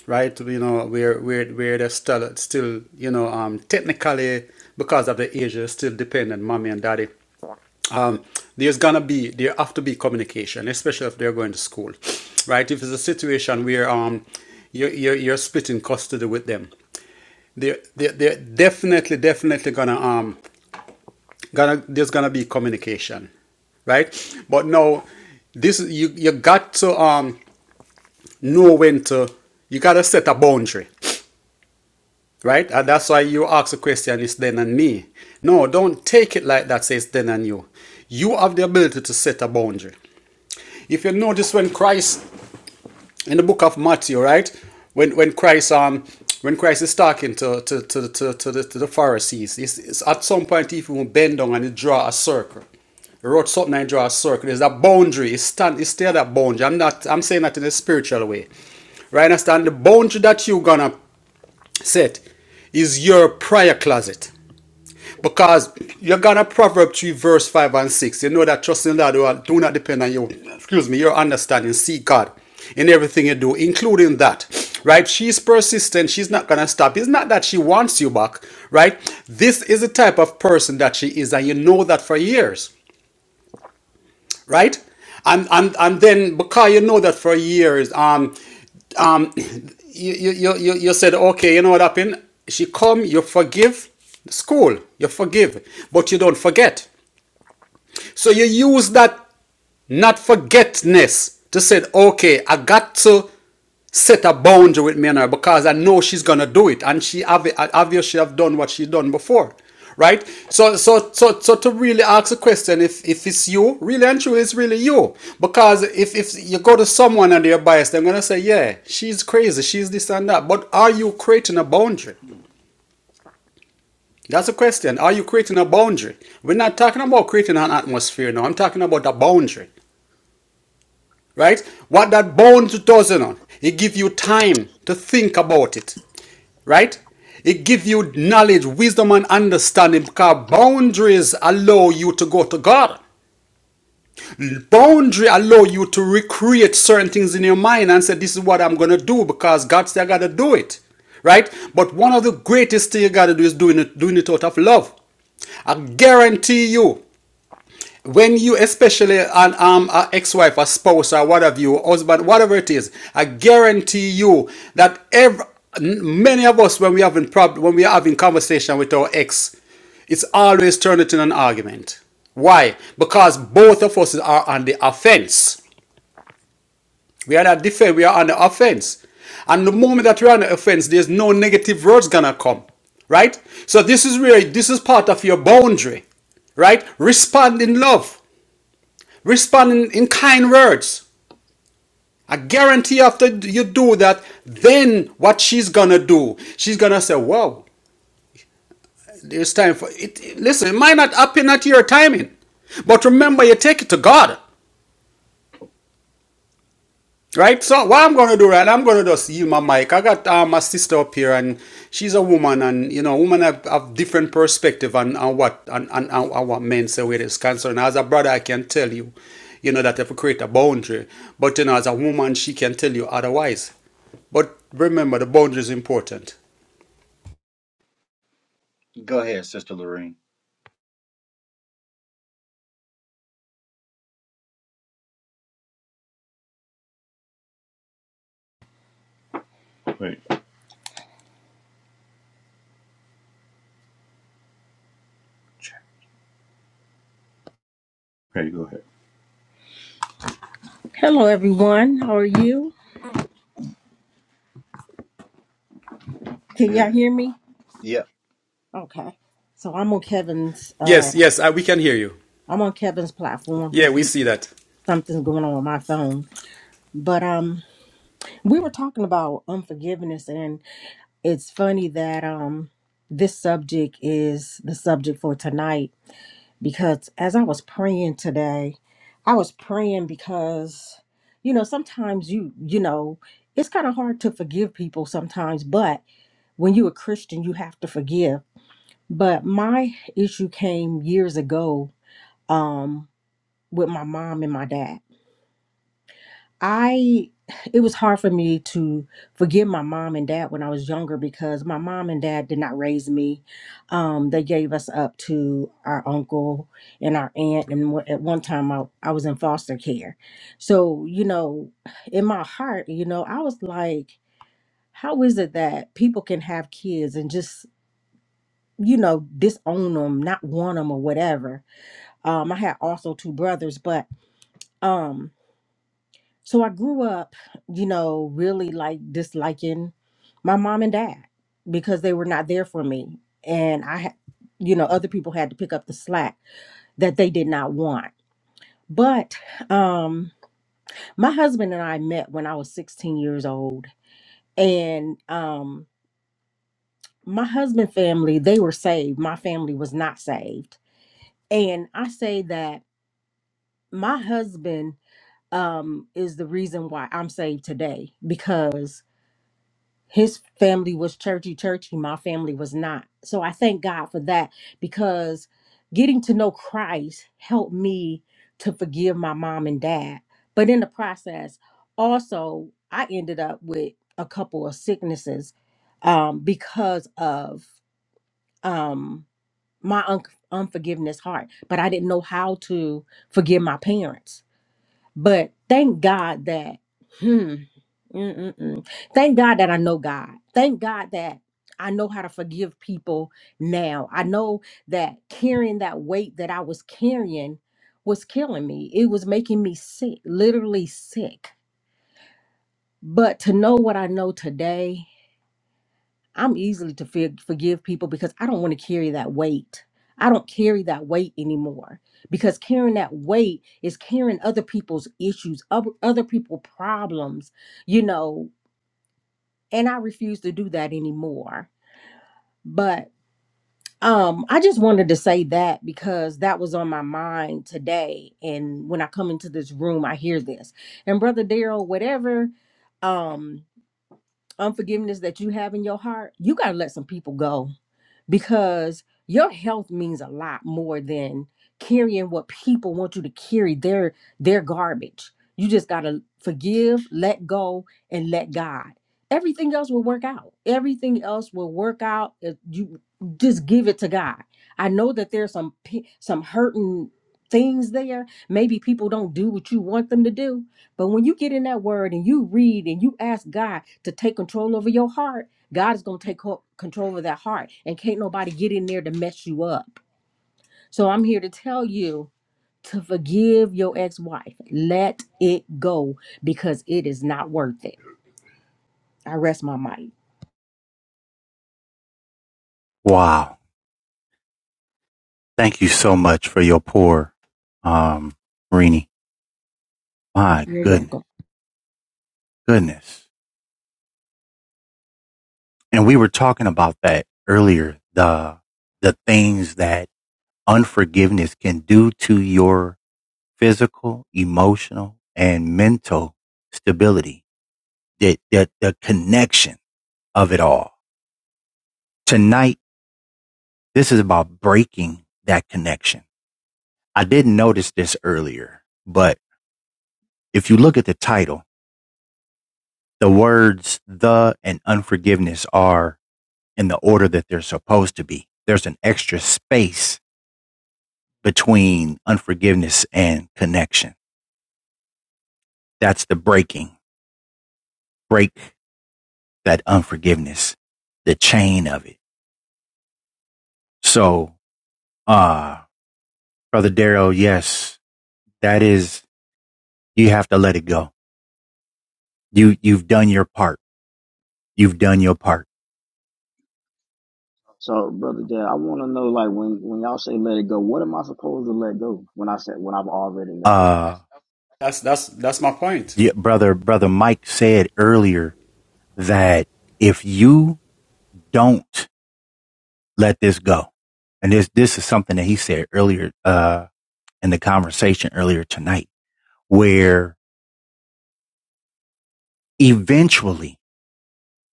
Speaker 1: right? You know, where where where they're still still you know um technically because of the age they're still dependent on mommy and daddy. Um, there's gonna be there have to be communication, especially if they're going to school, right? If it's a situation where um you're you're, you're splitting custody with them, they're, they're they're definitely definitely gonna um gonna there's gonna be communication right? But no, this you you got to um know when to you gotta set a boundary right and that's why you ask the question it's then and me no don't take it like that says then and you you have the ability to set a boundary if you notice when christ in the book of Matthew, right? When when Christ um when Christ is talking to to to to, to, the, to the Pharisees, it's, it's at some point he even bend down and he draw a circle. He wrote something and he draw a circle. There's a boundary. It's stand it's still that boundary. I'm not I'm saying that in a spiritual way. Right? Understand the boundary that you gonna set is your prayer closet. Because you got a Proverbs 3, verse 5 and 6. You know that trust in the Lord, well, do not depend on your, excuse me, your understanding. Seek God in everything you do, including that, right? She's persistent. She's not going to stop. It's not that she wants you back, right? This is the type of person that she is, and you know that for years right? And and and then because you know that for years, um, um, you you you you you said okay, you know what happened? She come, you forgive, school, you forgive, but you don't forget. So you use that not forgetness to say, okay, I got to set a boundary with Maynard because I know she's gonna do it, and she obvi- obviously have done what she done before, right? So, so, so, so to really ask the question, if if it's you, really and truly, it's really you, because if if you go to someone and they're biased, they're gonna say, yeah, she's crazy, she's this and that. But are you creating a boundary?
Speaker 2: Hmm.
Speaker 1: That's a question. Are you creating a boundary? We're not talking about creating an atmosphere now. I'm talking about a boundary. right? What that bound does 2000 on, it gives you time to think about it, right? It gives you knowledge, wisdom, and understanding because boundaries allow you to go to God. Boundary allow you to recreate certain things in your mind and say, This is what I'm gonna do because God said I gotta do it. Right? But one of the greatest thing you gotta do is doing it doing it out of love. I guarantee you when you especially an um ex-wife a spouse or whatever you husband whatever it is i guarantee you that every many of us when we having problem, when we are having conversation with our ex it's always turned into an argument why because both of us are on the offense we are not defend we are on the offense and the moment that we're on the offense there's no negative words gonna come right so this is where this is part of your boundary right? Respond in love. Respond in, in kind words. I guarantee after you do that, then what she's gonna do, she's gonna say, Wow, there's time for it. Listen, it might not happen at your timing, but remember, you take it to God. Right, so what I'm gonna do, right? I'm gonna just yield my mic. I got uh, my sister up here, and she's a woman, and you know, women have, have different perspective on, on what on, on, on what men say where it's concerned. As a brother, I can tell you, you know, that if you create a boundary, but you know, as a woman, she can tell you otherwise. But remember, the boundary is important.
Speaker 2: Go ahead, sister Lorraine.
Speaker 5: Wait. Okay, go ahead. No.
Speaker 2: Good. Yep.
Speaker 5: Oh, so I'm on Kevin's. Uh,
Speaker 1: Yes, yes, I, we can hear you.
Speaker 5: I'm on Kevin's platform
Speaker 1: Yeah,
Speaker 5: because
Speaker 1: we see that.
Speaker 5: something's going on with my phone. But um, we were talking about unforgiveness, and it's funny that um, this subject is the subject for tonight because as I was praying today, I was praying because you know sometimes you you know it's kind of hard to forgive people sometimes, but when you're a Christian, you have to forgive But my issue came years ago um, with my mom and my dad. I it was hard for me to forgive my mom and dad when I was younger because my mom and dad did not raise me. Um, they gave us up to our uncle and our aunt, and wa- at one time I, I was in foster care. So you know, in my heart, you know, I was like, how is it that people can have kids and just you know disown them, not want them or whatever? um i had also two brothers but um so i grew up you know really like disliking my mom and dad because they were not there for me and i had you know other people had to pick up the slack that they did not want but um my husband and i met when i was 16 years old and um my husband family they were saved my family was not saved and i say that my husband um is the reason why I'm saved today because his family was churchy churchy my family was not so I thank God for that because getting to know Christ helped me to forgive my mom and dad but in the process also I ended up with a couple of sicknesses um because of um my un- unforgiveness heart but I didn't know how to forgive my parents but thank God that, hmm, mm-mm-mm. thank God that I know God. Thank God that I know how to forgive people now. I know that carrying that weight that I was carrying was killing me. It was making me sick, literally sick. But to know what I know today, I'm easily to for- forgive people because I don't want to carry that weight. I don't carry that weight anymore because carrying that weight is carrying other people's issues, other other people's problems, you know, and I refuse to do that anymore. But um I just wanted to say that because that was on my mind today and when I come into this room I hear this. And brother Daryl, whatever um unforgiveness that you have in your heart, you got to let some people go because your health means a lot more than carrying what people want you to carry their their garbage you just got to forgive let go and let god everything else will work out everything else will work out if you just give it to god i know that there's some pe- some hurting things there maybe people don't do what you want them to do but when you get in that word and you read and you ask god to take control over your heart God is going to take co- control of that heart, and can't nobody get in there to mess you up. So I'm here to tell you to forgive your ex wife. Let it go because it is not worth it. I rest my mic.
Speaker 2: Wow. Thank you so much for your pour, um, Rini. My
Speaker 5: You're
Speaker 2: goodness,
Speaker 5: welcome.
Speaker 2: goodness. and we were talking about that earlier the the things that unforgiveness can do to your physical emotional and mental stability the, the, the connection of it all tonight this is about breaking that connection i didn't notice this earlier but if you look at the title the words the and unforgiveness are in the order that they're supposed to be there's an extra space between unforgiveness and connection. That's the breaking, break that unforgiveness, the chain of it. So, uh, brother Daryl, yes, that is, you have to let it go. You, you've done your part. You've done your part.
Speaker 4: So, brother Dad, I want to know, like, when when y'all say let it go, what am I supposed to let go when I said when I've already let go?
Speaker 2: Uh,
Speaker 1: That's that's that's my point.
Speaker 2: the, brother, brother Mike said earlier that if you don't let this go, and this, this is something that he said earlier, uh, in the conversation earlier tonight, where eventually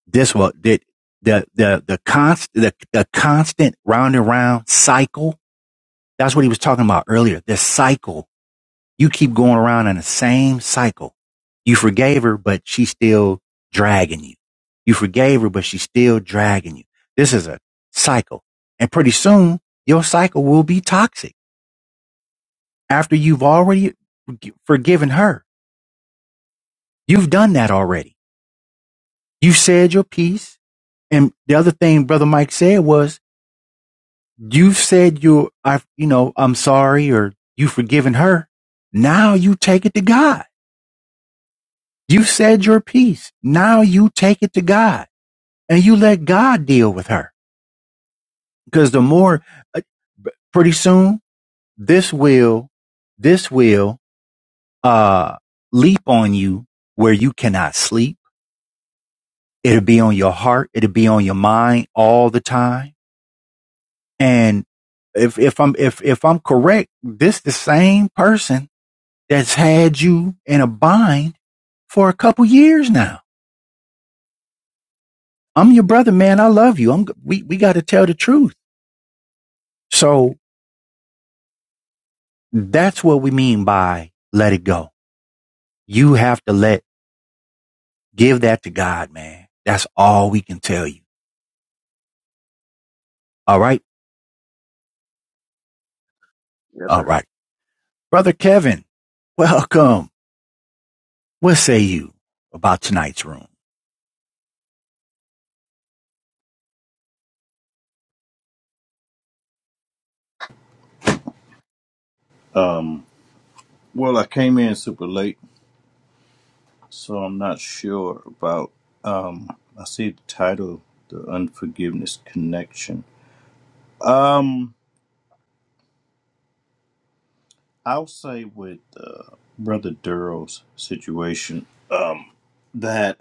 Speaker 2: this will the the the the const the, the constant round and round cycle that's what he was talking about earlier this cycle you keep going around in the same cycle you forgave her but she's still dragging you you forgave her but she's still dragging you this is a cycle and pretty soon your cycle will be toxic after you've already forgiven her you've done that already you said your piece and the other thing brother mike said was You've said you I you know, I'm sorry or you've forgiven her. Now you take it to God. You said your piece. Now you take it to God and you let God deal with her. Because the more uh, pretty soon this will this will uh leap on you where you cannot sleep. It'll be on your heart, it'll be on your mind all the time. And if if I'm if if I'm correct, this the same person that's had you in a bind for a couple years now. I'm your brother, man. I love you. I'm, we, we got to tell the truth. So that's what we mean by let it go. You have to let, give that to God, man. That's all we can tell you. All right.
Speaker 4: Yes,
Speaker 2: All
Speaker 4: sir.
Speaker 2: right. Brother Kevin, welcome. What say you about tonight's room?
Speaker 5: Um, well, I came in super late, so I'm not sure about. Um, I see the title, "The Unforgiveness Connection." Um, I'll say with uh, Brother Durrell's situation, um, that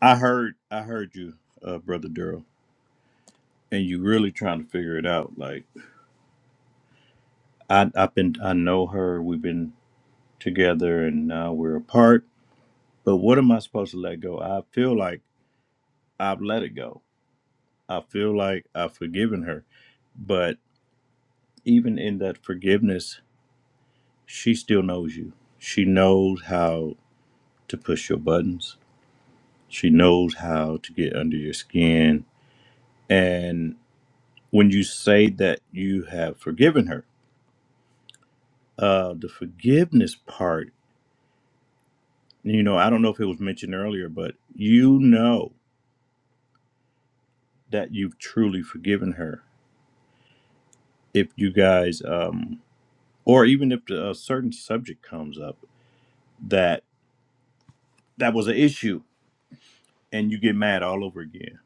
Speaker 5: I heard I heard you, uh, brother Daryl, and you really trying to figure it out. Like I I've been I know her. We've been together, and now we're apart. But what am I supposed to let go? I feel like I've let it go. I feel like I've forgiven her, but even in that forgiveness, she still knows you. She knows how to push your buttons. She knows how to get under your skin. And when you say that you have forgiven her. uh the forgiveness part you know i don't know if it was mentioned earlier but you know that you've truly forgiven her if you guys um or even if the, a certain subject comes up that that was an issue and you get mad all over again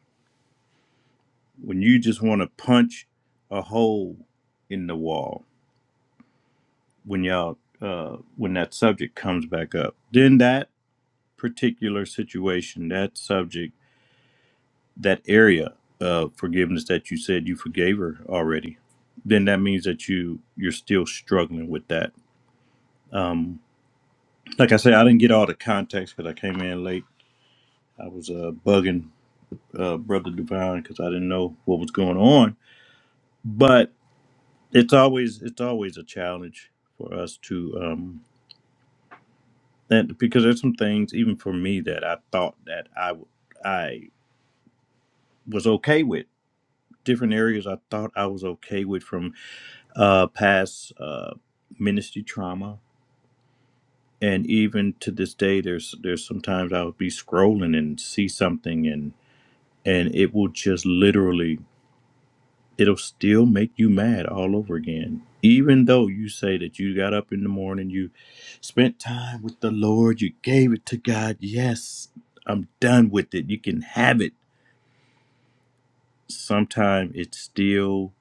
Speaker 5: when you just want to punch a hole in the wall when y'all uh when that subject comes back up then that particular situation that subject that area of forgiveness that you said you forgave her already, then that means that you you're still struggling with that. Um, like I said, I didn't get all the context because I came in late. I was uh, bugging uh, brother Divine because I didn't know what was going on. But it's always it's always a challenge for us to um, and because there's some things even for me that I thought that I w- I was okay with different areas I thought I was okay with from uh, past uh, ministry trauma, and even to this day, there's there's sometimes I would be scrolling and see something, and and it will just literally it'll still make you mad all over again. Even though you say that you got up in the morning, you spent time with the Lord, you gave it to God. Yes, I'm done with it. You can have it. Sometimes it's still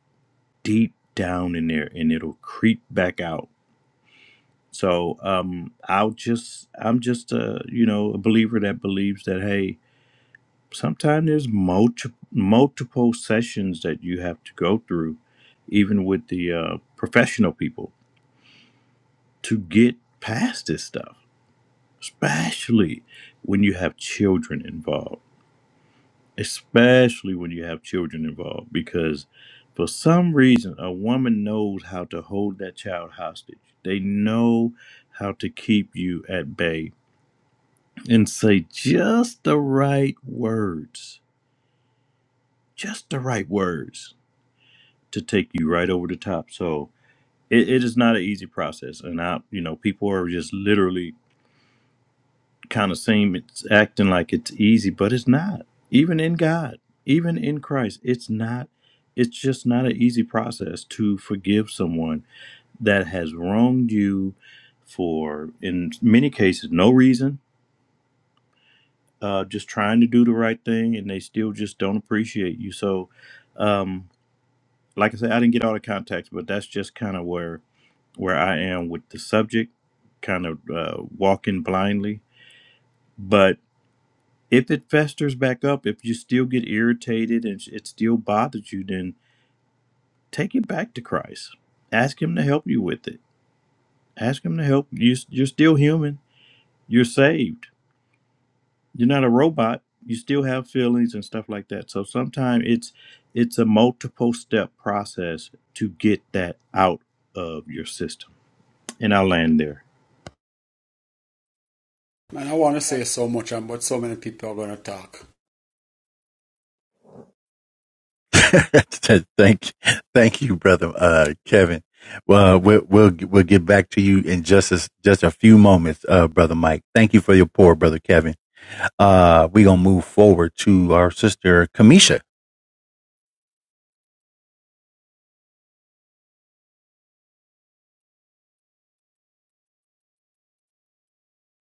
Speaker 5: deep down in there and it'll creep back out So um, I'll just I'm just a you know a believer that believes that hey, sometimes there's multi- multiple sessions that you have to go through, even with the uh, professional people, to get past this stuff. Especially when you have children involved. Especially when you have children involved, because for some reason a woman knows how to hold that child hostage. They know how to keep you at bay and say just the right words, just the right words to take you right over the top. So it, it is not an easy process, and I, you know, people are just literally kind of seem it's acting like it's easy, but it's not. Even in God, even in Christ, it's not. It's just not an easy process to forgive someone that has wronged you for, in many cases, no reason uh, just trying to do the right thing, and they still just don't appreciate you. So, um, like I said, I didn't get all the context, but that's just kind of where where I am with the subject, kind of uh, walking blindly. But if it festers back up, if you still get irritated and it still bothers you, then take it back to Christ. Ask Him to help you with it. Ask Him to help you. You're still human. You're saved you're not a robot you still have feelings and stuff like that so sometimes it's it's a multiple step process to get that out of your system and i'll land there
Speaker 1: Man, I want to say so much, um, but so many people are gonna talk.
Speaker 2: *laughs* thank, thank you, brother uh, Kevin. Well, uh, we'll we'll we'll get back to you in just a, just a few moments, uh, brother Mike. Thank you for your pour, brother Kevin. Uh, we gonna move forward to our sister Kamisha.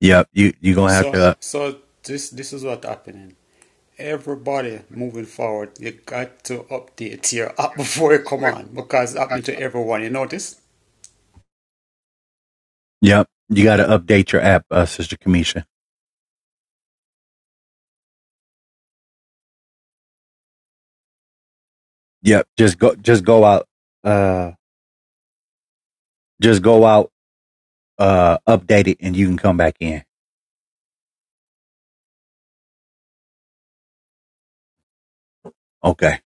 Speaker 2: Yep, you you gonna have
Speaker 1: So
Speaker 2: to. Uh,
Speaker 1: so this this is what happening. Everybody moving forward, you got to update your app *laughs* before you come on because it's happening to everyone. You notice?
Speaker 2: yep, you got to update your app, uh, sister Kamisha. Yep, just go just go out. Uh, just go out. Uh, update it, and you can come back in. Okay.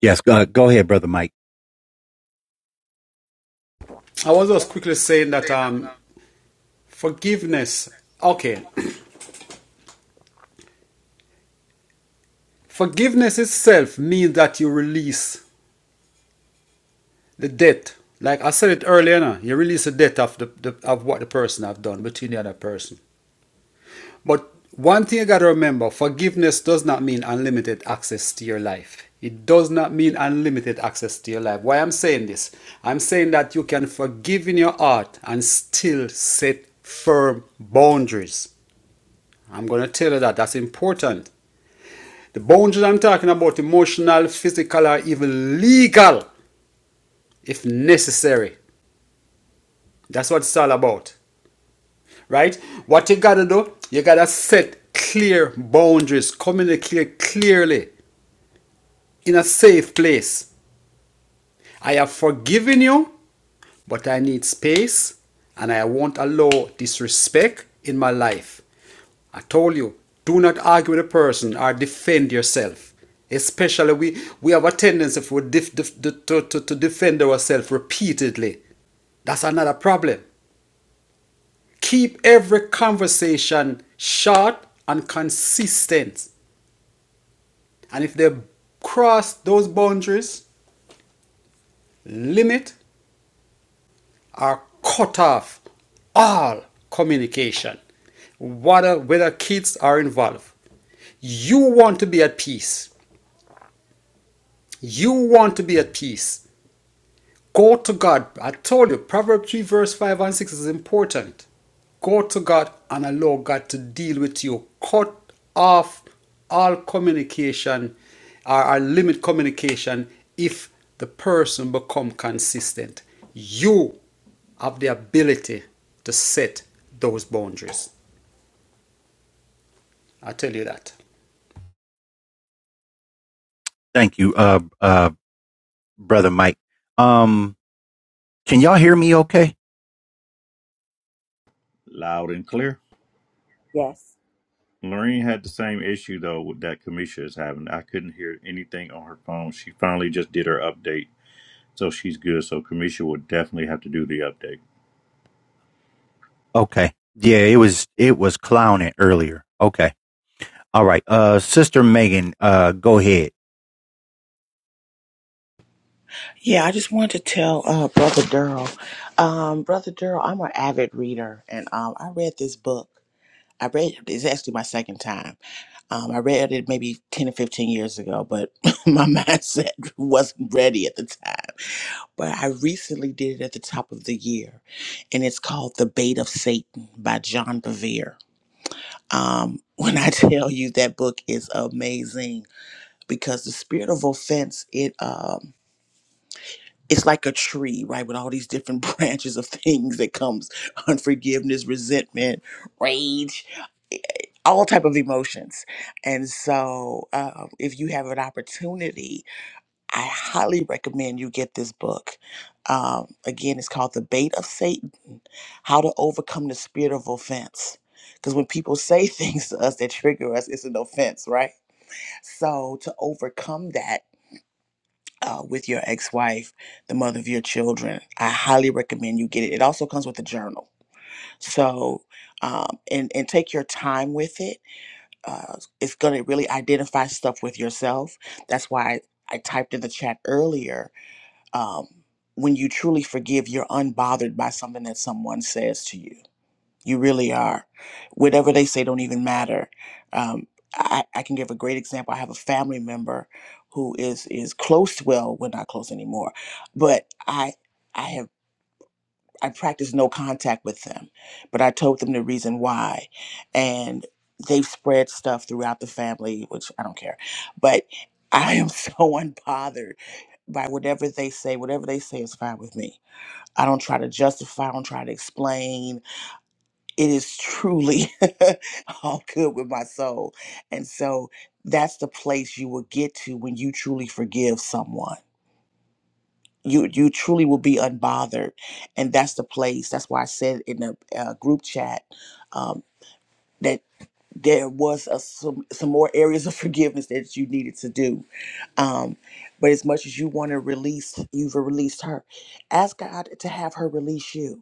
Speaker 2: Yes. Uh, go ahead, brother Mike.
Speaker 1: I was just quickly saying that um, forgiveness, okay, *clears throat* forgiveness itself means that you release the debt. Like I said it earlier, no? you release the debt of the, the of what the person have done between the other person. But one thing you got to remember forgiveness does not mean unlimited access to your life. It does not mean unlimited access to your life. Why I'm saying this? I'm saying that you can forgive in your heart and still set firm boundaries. I'm going to tell you that. That's important. The boundaries I'm talking about emotional, physical, or even legal if necessary. That's what it's all about, right? What you got to do, you got to set clear boundaries, communicate clearly in a safe place. I have forgiven you, but I need space and I won't allow disrespect in my life. I told you, do not argue with a person or defend yourself. Especially, we, we have a tendency for def, def- de- to, to, to defend ourselves repeatedly. That's another problem. Keep every conversation short and consistent. And if they cross those boundaries, limit are cut off all communication, whether, whether kids are involved. You want to be at peace. You want to be at peace. Go to God. I told you, Proverbs 3, verse 5 and 6 is important. Go to God and allow God to deal with you. Cut off all communication or, or limit communication if the person become consistent. You have the ability to set those boundaries. I tell you that.
Speaker 2: Thank you, uh, uh, brother Mike. Um, Can y'all hear me okay?
Speaker 5: loud and clear
Speaker 6: Yes.
Speaker 5: Lorraine had the same issue though with that Kamisha is having. I couldn't hear anything on her phone. She finally just did her update, so she's good. So Kamisha will definitely have to do the update.
Speaker 2: Okay. Yeah, it was it was clowning earlier. Okay. All right. Uh sister Megan, uh go ahead.
Speaker 3: Yeah, I just wanted to tell uh, Brother Durrell. Um, Brother Durrell, I'm an avid reader, and um, I read this book. I read it's actually my second time. Um, I read it maybe 10 or 15 years ago, but *laughs* my mindset wasn't ready at the time. but I recently did it at the top of the year, and it's called The Bait of Satan by John Bevere. Um, when I *laughs* tell you that book is amazing because the spirit of offense, it um, it's like a tree, right, with all these different *laughs* branches of things that comes unforgiveness, resentment, rage, eh, eh, all type of emotions and so uh, if you have an opportunity I highly recommend you get this book. Um, again, it's called The Bait of Satan How to Overcome the Spirit of Offense. Because when people say *laughs* things to us that trigger us, it's an offense, right? So, to overcome that uh, with your ex wife, the mother of your children, I highly recommend you get it. It also comes with a journal. So, um, and, and take your time with it. Uh, it's going to really identify stuff with yourself. That's why I typed in the chat earlier um, when you truly forgive, you're unbothered by something that someone says to you. You really are. Whatever they say don't even matter. Um, I, I can give a great example. I have a family member who is is close. To, Well, we're not close anymore, but I. I have. I practiced no contact with them, but I told them the reason why. And they've spread stuff throughout the family, which I don't care. But I am *laughs* so unbothered by whatever they say. Whatever they say is fine with me. I don't try to justify, I don't try to explain. It is truly *laughs* all good with my soul. And so that's the place you will get to when you truly forgive someone you you truly will be unbothered and that's the place that's why i said in the uh, group chat um, that there was a, some some more areas of *laughs* forgiveness that you needed to do um, but as much as you want to release you've released her ask god to have her release you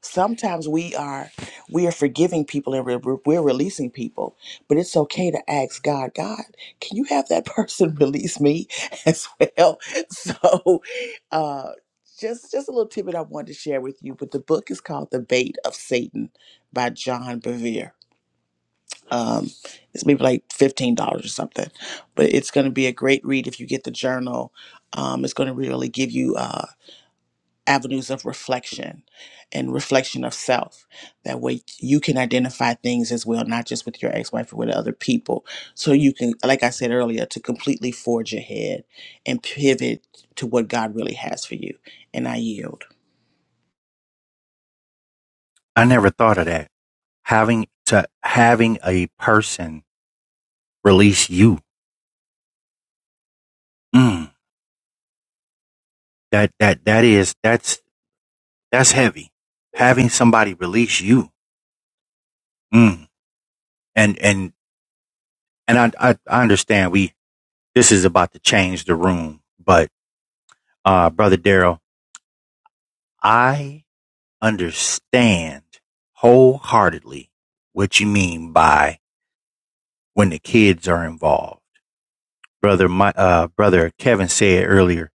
Speaker 3: sometimes we are we are forgiving people and we're, we're releasing people but it's okay to ask god god can you have that person *laughs* release me as well so uh just just a little tidbit i wanted to share with you but the book is called the bait of satan by john bevere um it's maybe like $15 or something but it's going to be a great read if you get the journal um it's going to really give you uh, avenues of reflection and reflection of self. That way you can identify things as well, not just with your ex wife, or with other people. So you can, like I said earlier, to completely forge ahead and pivot to what God really has for you. And I yield.
Speaker 2: I never thought of that. Having to having a person release you. Mm, that that that is that's that's heavy. Having somebody release you. Mm. And and and I, I I understand we this is about to change the room, but uh brother Daryl, I understand wholeheartedly what you mean by when the kids are involved. Brother, my, uh, brother Kevin said earlier,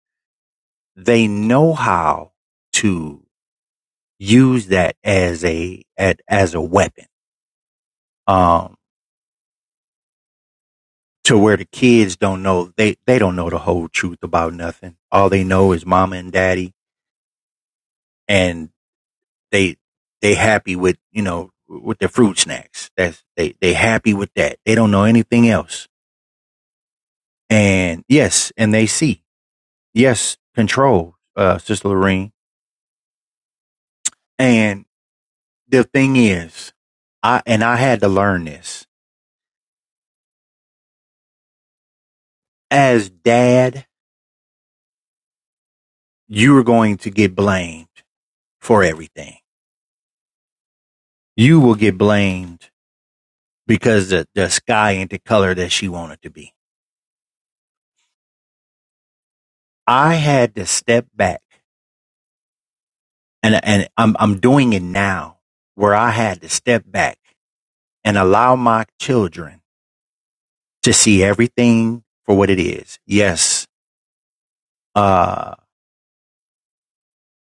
Speaker 2: they know how to use that as a, at, as a weapon. Um, to where the kids don't know, they, they don't know the whole truth about nothing. All they know is mama and daddy and they, they happy with, you know, with their fruit snacks. That's, they, they happy with that. They don't know anything else And yes, and they see. Yes, control, uh, Sister Lorene. And the thing is, I and I had to learn this. As dad, you are going to get blamed for everything. You will get blamed because the, the sky ain't the color that she wanted to be. I had to step back and and I'm I'm doing it now where I had to step back and allow my children to see everything for what it is. Yes, uh,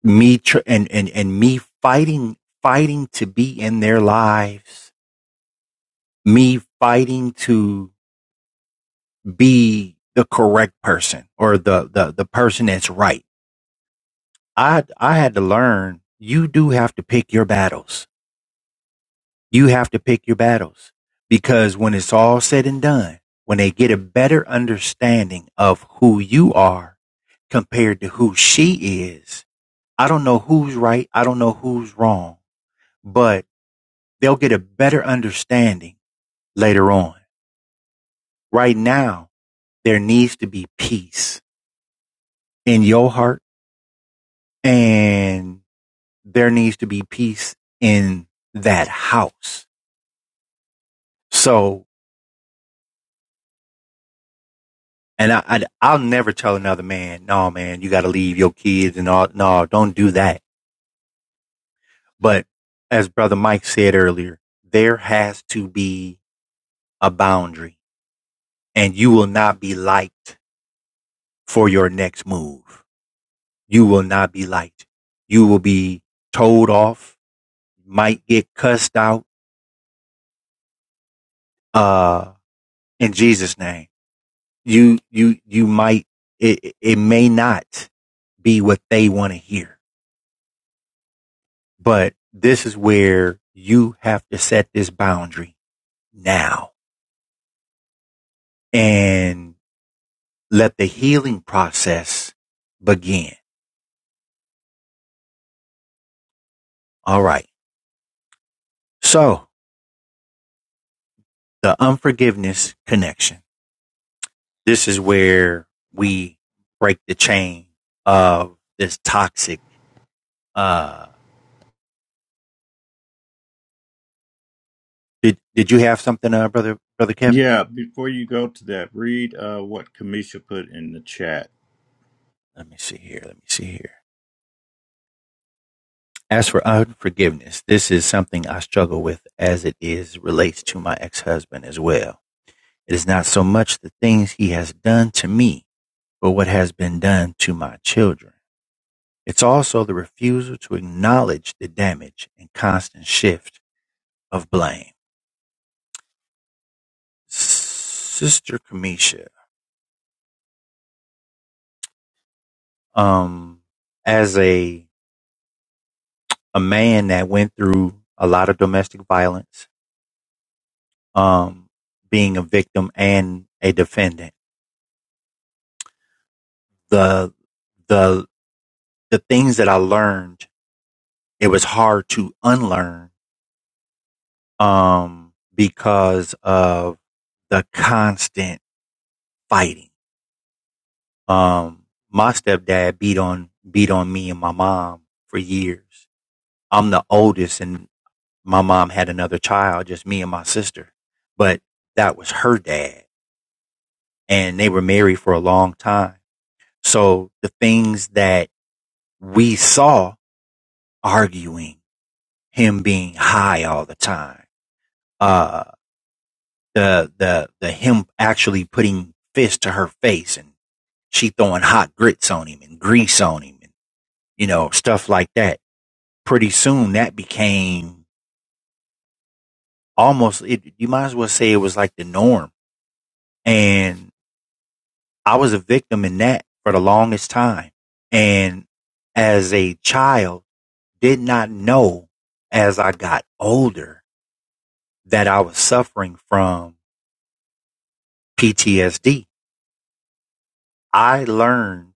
Speaker 2: me tr- and, and, and me fighting, fighting to be in their lives, me fighting to be the correct person or the, the, the person that's right. I, I had to learn you do have to pick your battles. You have to pick your battles because when it's all said and done, when they get a better understanding of who you are compared to who she is, I don't know who's right. I don't know who's wrong, but they'll get a better understanding later on. Right now, there needs to be peace in your heart and there needs to be peace in that house. So, and I, I I'll never tell another man, no, man, you got to leave your kids and all. No, don't do that. But as brother Mike said earlier, there has to be a boundary and you will not be liked for your next move. You will not be liked. You will be told off, might get cussed out, uh, in Jesus name. You, you, you might, it, it may not be what they want to hear, but this is where you have to set this boundary now and let the healing process begin. All right. So the unforgiveness connection. this is where we break the chain of this toxic. Uh, did did you have something, uh, brother brother Kevin?
Speaker 5: Yeah, before you go to that, read uh, what Kamisha put in the chat.
Speaker 2: Let me see here. Let me see here. As for unforgiveness, this is something I struggle with as it is relates to my ex-husband as well. It is not so much the things he has done to me, but what has been done to my children. It's also the refusal to acknowledge the damage and constant shift of blame. Sister Kamisha, um, as a a man that went through a lot of domestic violence, um, being a victim and a defendant, the the the things that I learned, it was hard to unlearn um, because of the constant fighting. Um, my stepdad beat on beat on me and my mom for years. I'm the oldest, and my mom had another child, just me and my sister. But that was her dad and they were married for a long time. So the things that we saw arguing, him being high all the time, uh, the, the, the him actually putting fists to her face and she throwing hot grits on him and grease on him and, you know, stuff like that. Pretty soon that became almost, it, you might as well say it was like the norm. And I was a victim in that for the longest time. And as a child, did not know as I got older that I was suffering from PTSD. I learned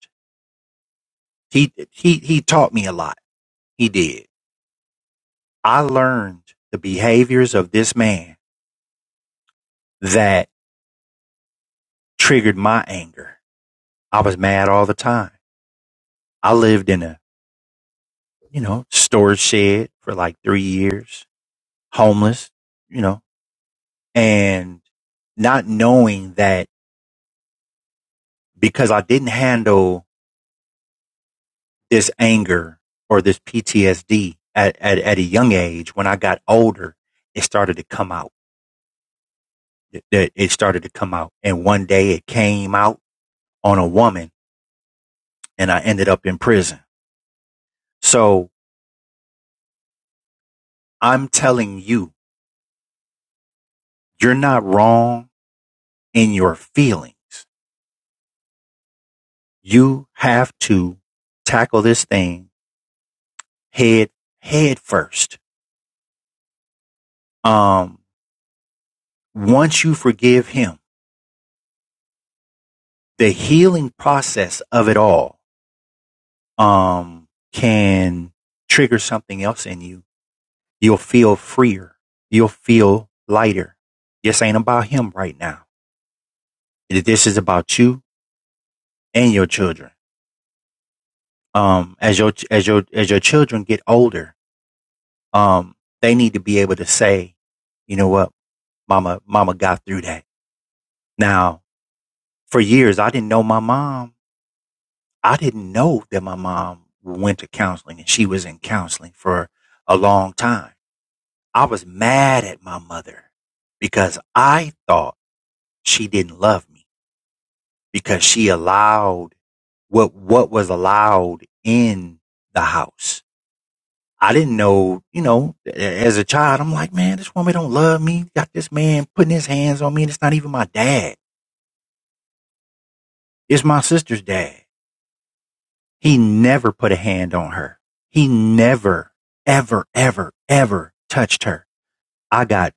Speaker 2: he, he, he taught me a lot. He did. I learned the behaviors of this man that triggered my anger. I was mad all the time. I lived in a, you know, storage shed for like three years, homeless, you know, and not knowing that because I didn't handle this anger or this PTSD at, at, at a young age, when I got older, it started to come out. It, it it started to come out. And one day it came out on a woman and I ended up in prison. So I'm telling you, you're not wrong in your feelings. You have to tackle this thing head, head first. Um, once you forgive him, the healing process of it all um, can trigger something else in you. You'll feel freer. You'll feel lighter. This ain't about him right now. This is about you and your children. Um, as your as your as your children get older, um, they need to be able to say, you know what, mama, mama got through that. Now, for years, I didn't know my mom I didn't know that my mom went to counseling and she was in counseling for a long time. I was mad at my mother because I thought she didn't love me because she allowed what what was allowed in the house. I didn't know, you know, as a child, I'm like, man, this woman don't love me. Got this man putting his hands on me, and it's not even my dad. It's my sister's dad. He never put a hand on her. He never, ever, ever, ever touched her. I got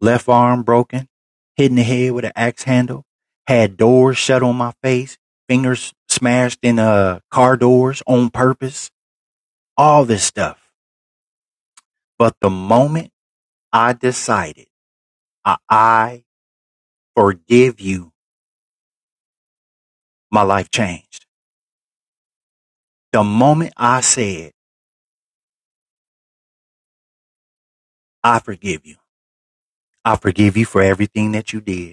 Speaker 2: left arm broken, hit in the head with an axe handle, had doors shut on my face, fingers smashed in uh, car doors on purpose, all this stuff. But the moment I decided I, I forgive you, my life changed. The moment I said, I forgive you, I forgive you for everything that you did.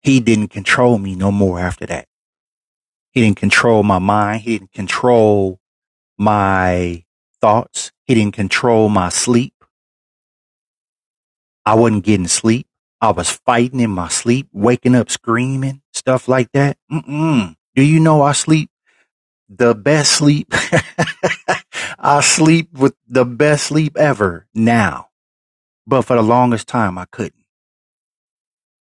Speaker 2: he didn't control me no more after that. He didn't control my mind. He didn't control my thoughts. He didn't control my sleep. I wasn't getting sleep. I was fighting in my sleep, waking up screaming, stuff like that. Mm-mm. Do you know I sleep the best sleep? *laughs* I sleep with the best sleep ever now. But for the longest time, I couldn't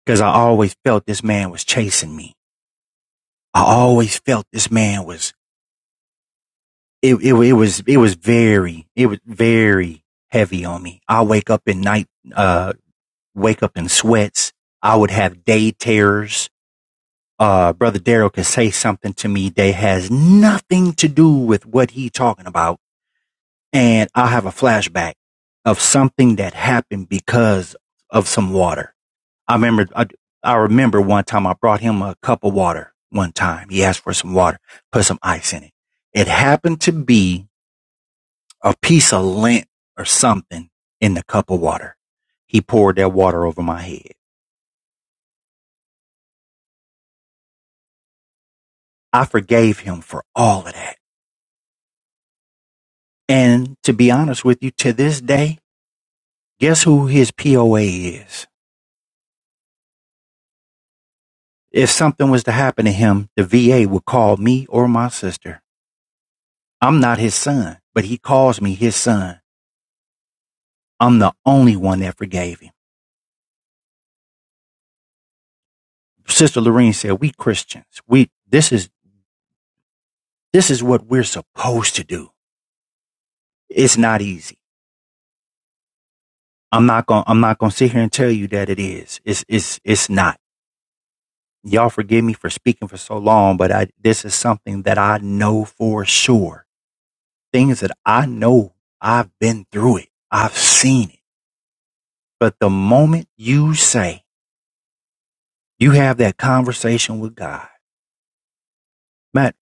Speaker 2: because I always felt this man was chasing me. I always felt this man was it, it it was it was very it was very heavy on me. I wake up in night uh wake up in sweats. I would have day terrors. Uh brother Daryl could say something to me that has nothing to do with what he talking about. And I have a flashback of something that happened because of some water. I remember I, I remember one time I brought him a cup of water one time. He asked for some water, put some ice in it. It happened to be a piece of lint or something in the cup of water. He poured that water over my head. I forgave him for all of that. And to be honest with you, to this day, guess who his POA is? If something was to happen to him, the VA would call me or my sister. I'm not his son, but he calls me his son. I'm the only one that forgave him. Sister Lorene said, "We Christians, we this is this is what we're supposed to do. It's not easy." I'm not gonna I'm not gonna sit here and tell you that it is. It's it's it's not. Y'all forgive me for speaking for so long, but I this is something that I know for sure. Things that I know I've been through it. I've seen it. But the moment you say you have that conversation with God, Matt,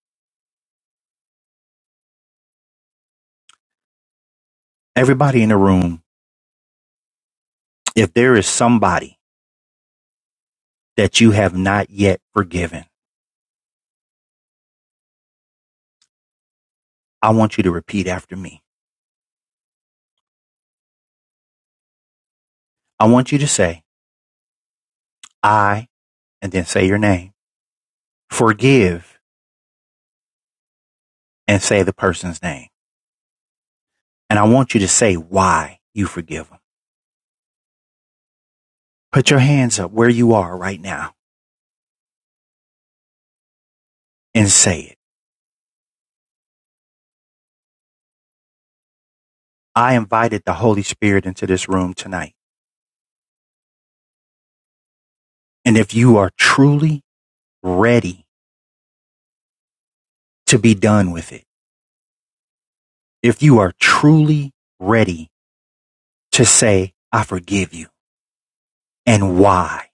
Speaker 2: everybody in the room, if there is somebody that you have not yet forgiven, I want you to repeat after me. I want you to say, I, and then say your name. Forgive and say the person's name. And I want you to say why you forgive them. Put your hands up where you are right now and say it. I invited the Holy Spirit into this room tonight. And if you are truly ready to be done with it, if you are truly ready to say, I forgive you and why,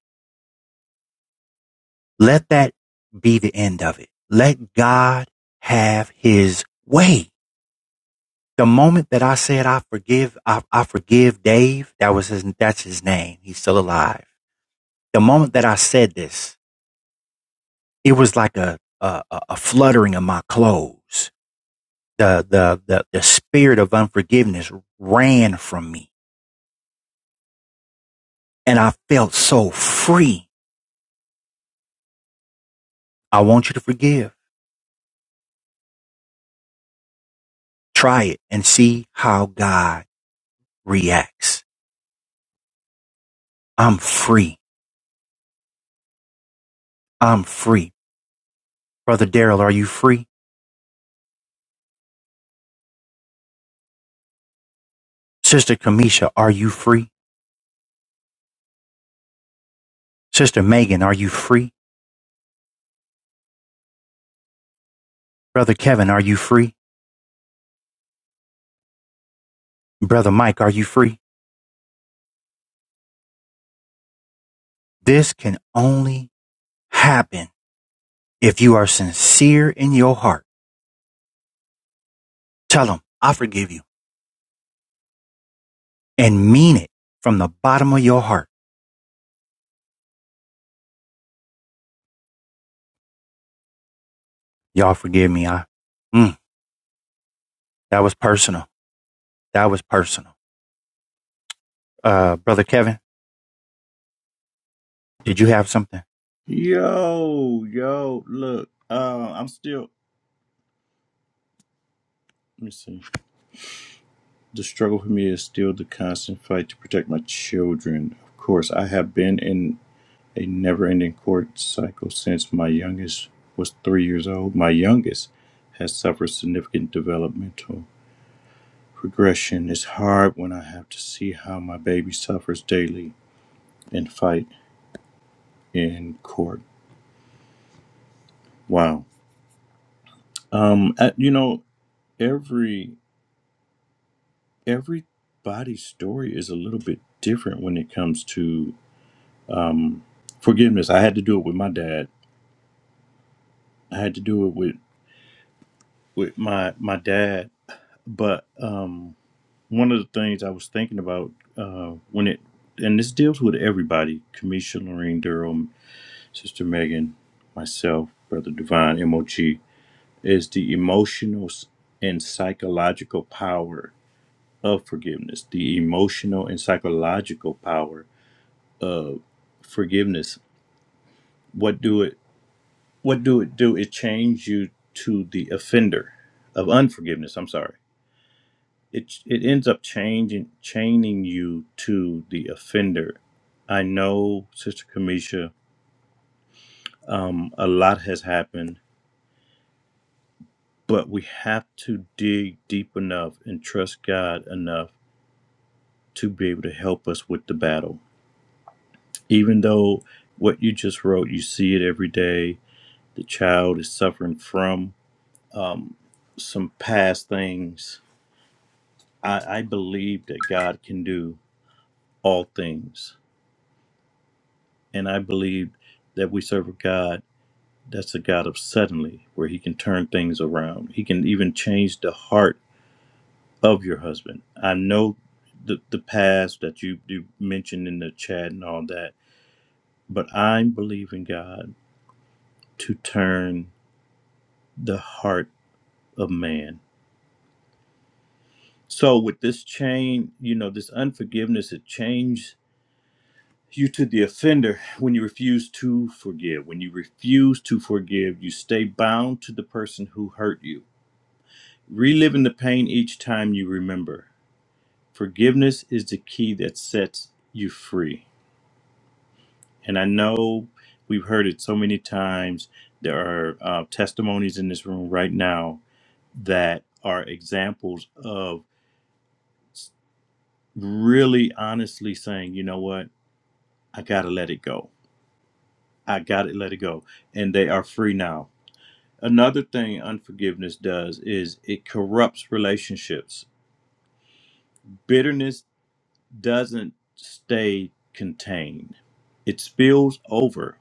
Speaker 2: let that be the end of it. Let God have his way. the moment that I said I forgive, I, I forgive Dave, that was his that's his name. He's still alive. The moment that I said this, it was like a a, a a fluttering of my clothes. The, the the the spirit of unforgiveness ran from me and I felt so free. I want you to forgive. Try it and see how God reacts. I'm free. I'm free. Brother Daryl, are you free? Sister Kamisha, are you free? Sister Megan, are you free? Brother Kevin, are you free? Brother Mike, are you free? This can only happen if you are sincere in your heart. Tell them, I forgive you and mean it from the bottom of your heart. Y'all forgive me. I, mm, that was personal. That was personal. Uh, Brother Kevin, did you have something?
Speaker 5: Yo, yo, look, uh, I'm still Let me see. The struggle for me is still the constant fight to protect my children. Of course, I have been in a never ending court cycle since my youngest was three years old. My youngest has suffered significant developmental progression. It's hard when I have to see how my baby suffers daily and fight in court. Wow. Um, uh, you know, every everybody's story is a little bit different when it comes to forgiveness. I had to do it with my dad I had to do it with with my my dad. But um, one of the things I was thinking about uh, when it and this deals with everybody: Kamisha, Lorraine Durham, Sister Megan, myself, Brother Divine, MOG, is the emotional s- and psychological power of forgiveness. The emotional and psychological power of forgiveness. What do it? What do it do? It change you to the offender of unforgiveness. I'm sorry it it ends up changing chaining you to the offender. I know, Sister Kamisha, um, a lot has happened, but we have to dig deep enough and trust God enough to be able to help us with the battle. Even though what you just wrote, you see it every day. The child is suffering from um, some past things. I, I believe that God can do all things, and I believe that we serve a God That's the God of suddenly, where He can turn things around. He can even change the heart of your husband. I know the the past that you you mentioned in the chat and all that, but I'm believing God to turn the heart of man. So with this chain, you know, this unforgiveness, it changed you to the offender when you refuse to forgive. When you refuse to forgive, you stay bound to the person who hurt you, reliving the pain each time you remember. Forgiveness is the key that sets you free. And I know we've heard it so many times. There are uh, testimonies in this room right now that are examples of really honestly saying, you know what? I got to let it go. I got to let it go. And they are free now. Another thing unforgiveness does is it corrupts relationships. Bitterness doesn't stay contained, it spills over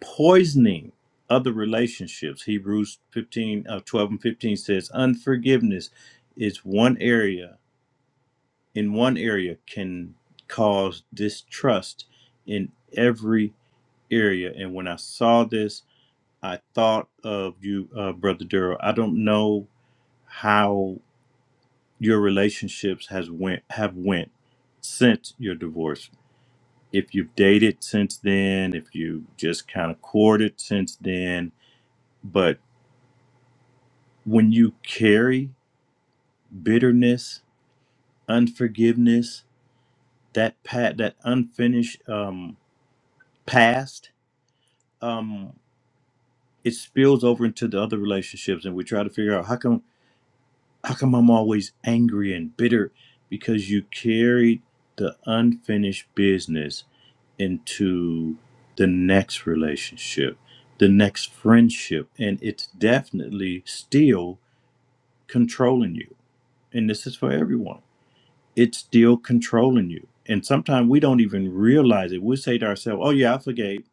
Speaker 5: poisoning other relationships. Hebrews 15, uh, 12 and 15 says, unforgiveness is one area, in one area can cause distrust in every area. And when I saw this, I thought of you, uh, Brother Durrell. I don't know how your relationships has went have went since your divorce. If you've dated since then, if you just kind of courted since then, but. when you carry bitterness, unforgiveness, that pat that unfinished um, past, um, it spills over into the other relationships, and we try to figure out how come how come I'm always angry and bitter because you carried the unfinished business into the next relationship, the next friendship, and it's definitely still controlling you. And this is for everyone it's still controlling you. And sometimes we don't even realize it. We say to ourselves, "Oh yeah, I forgave,"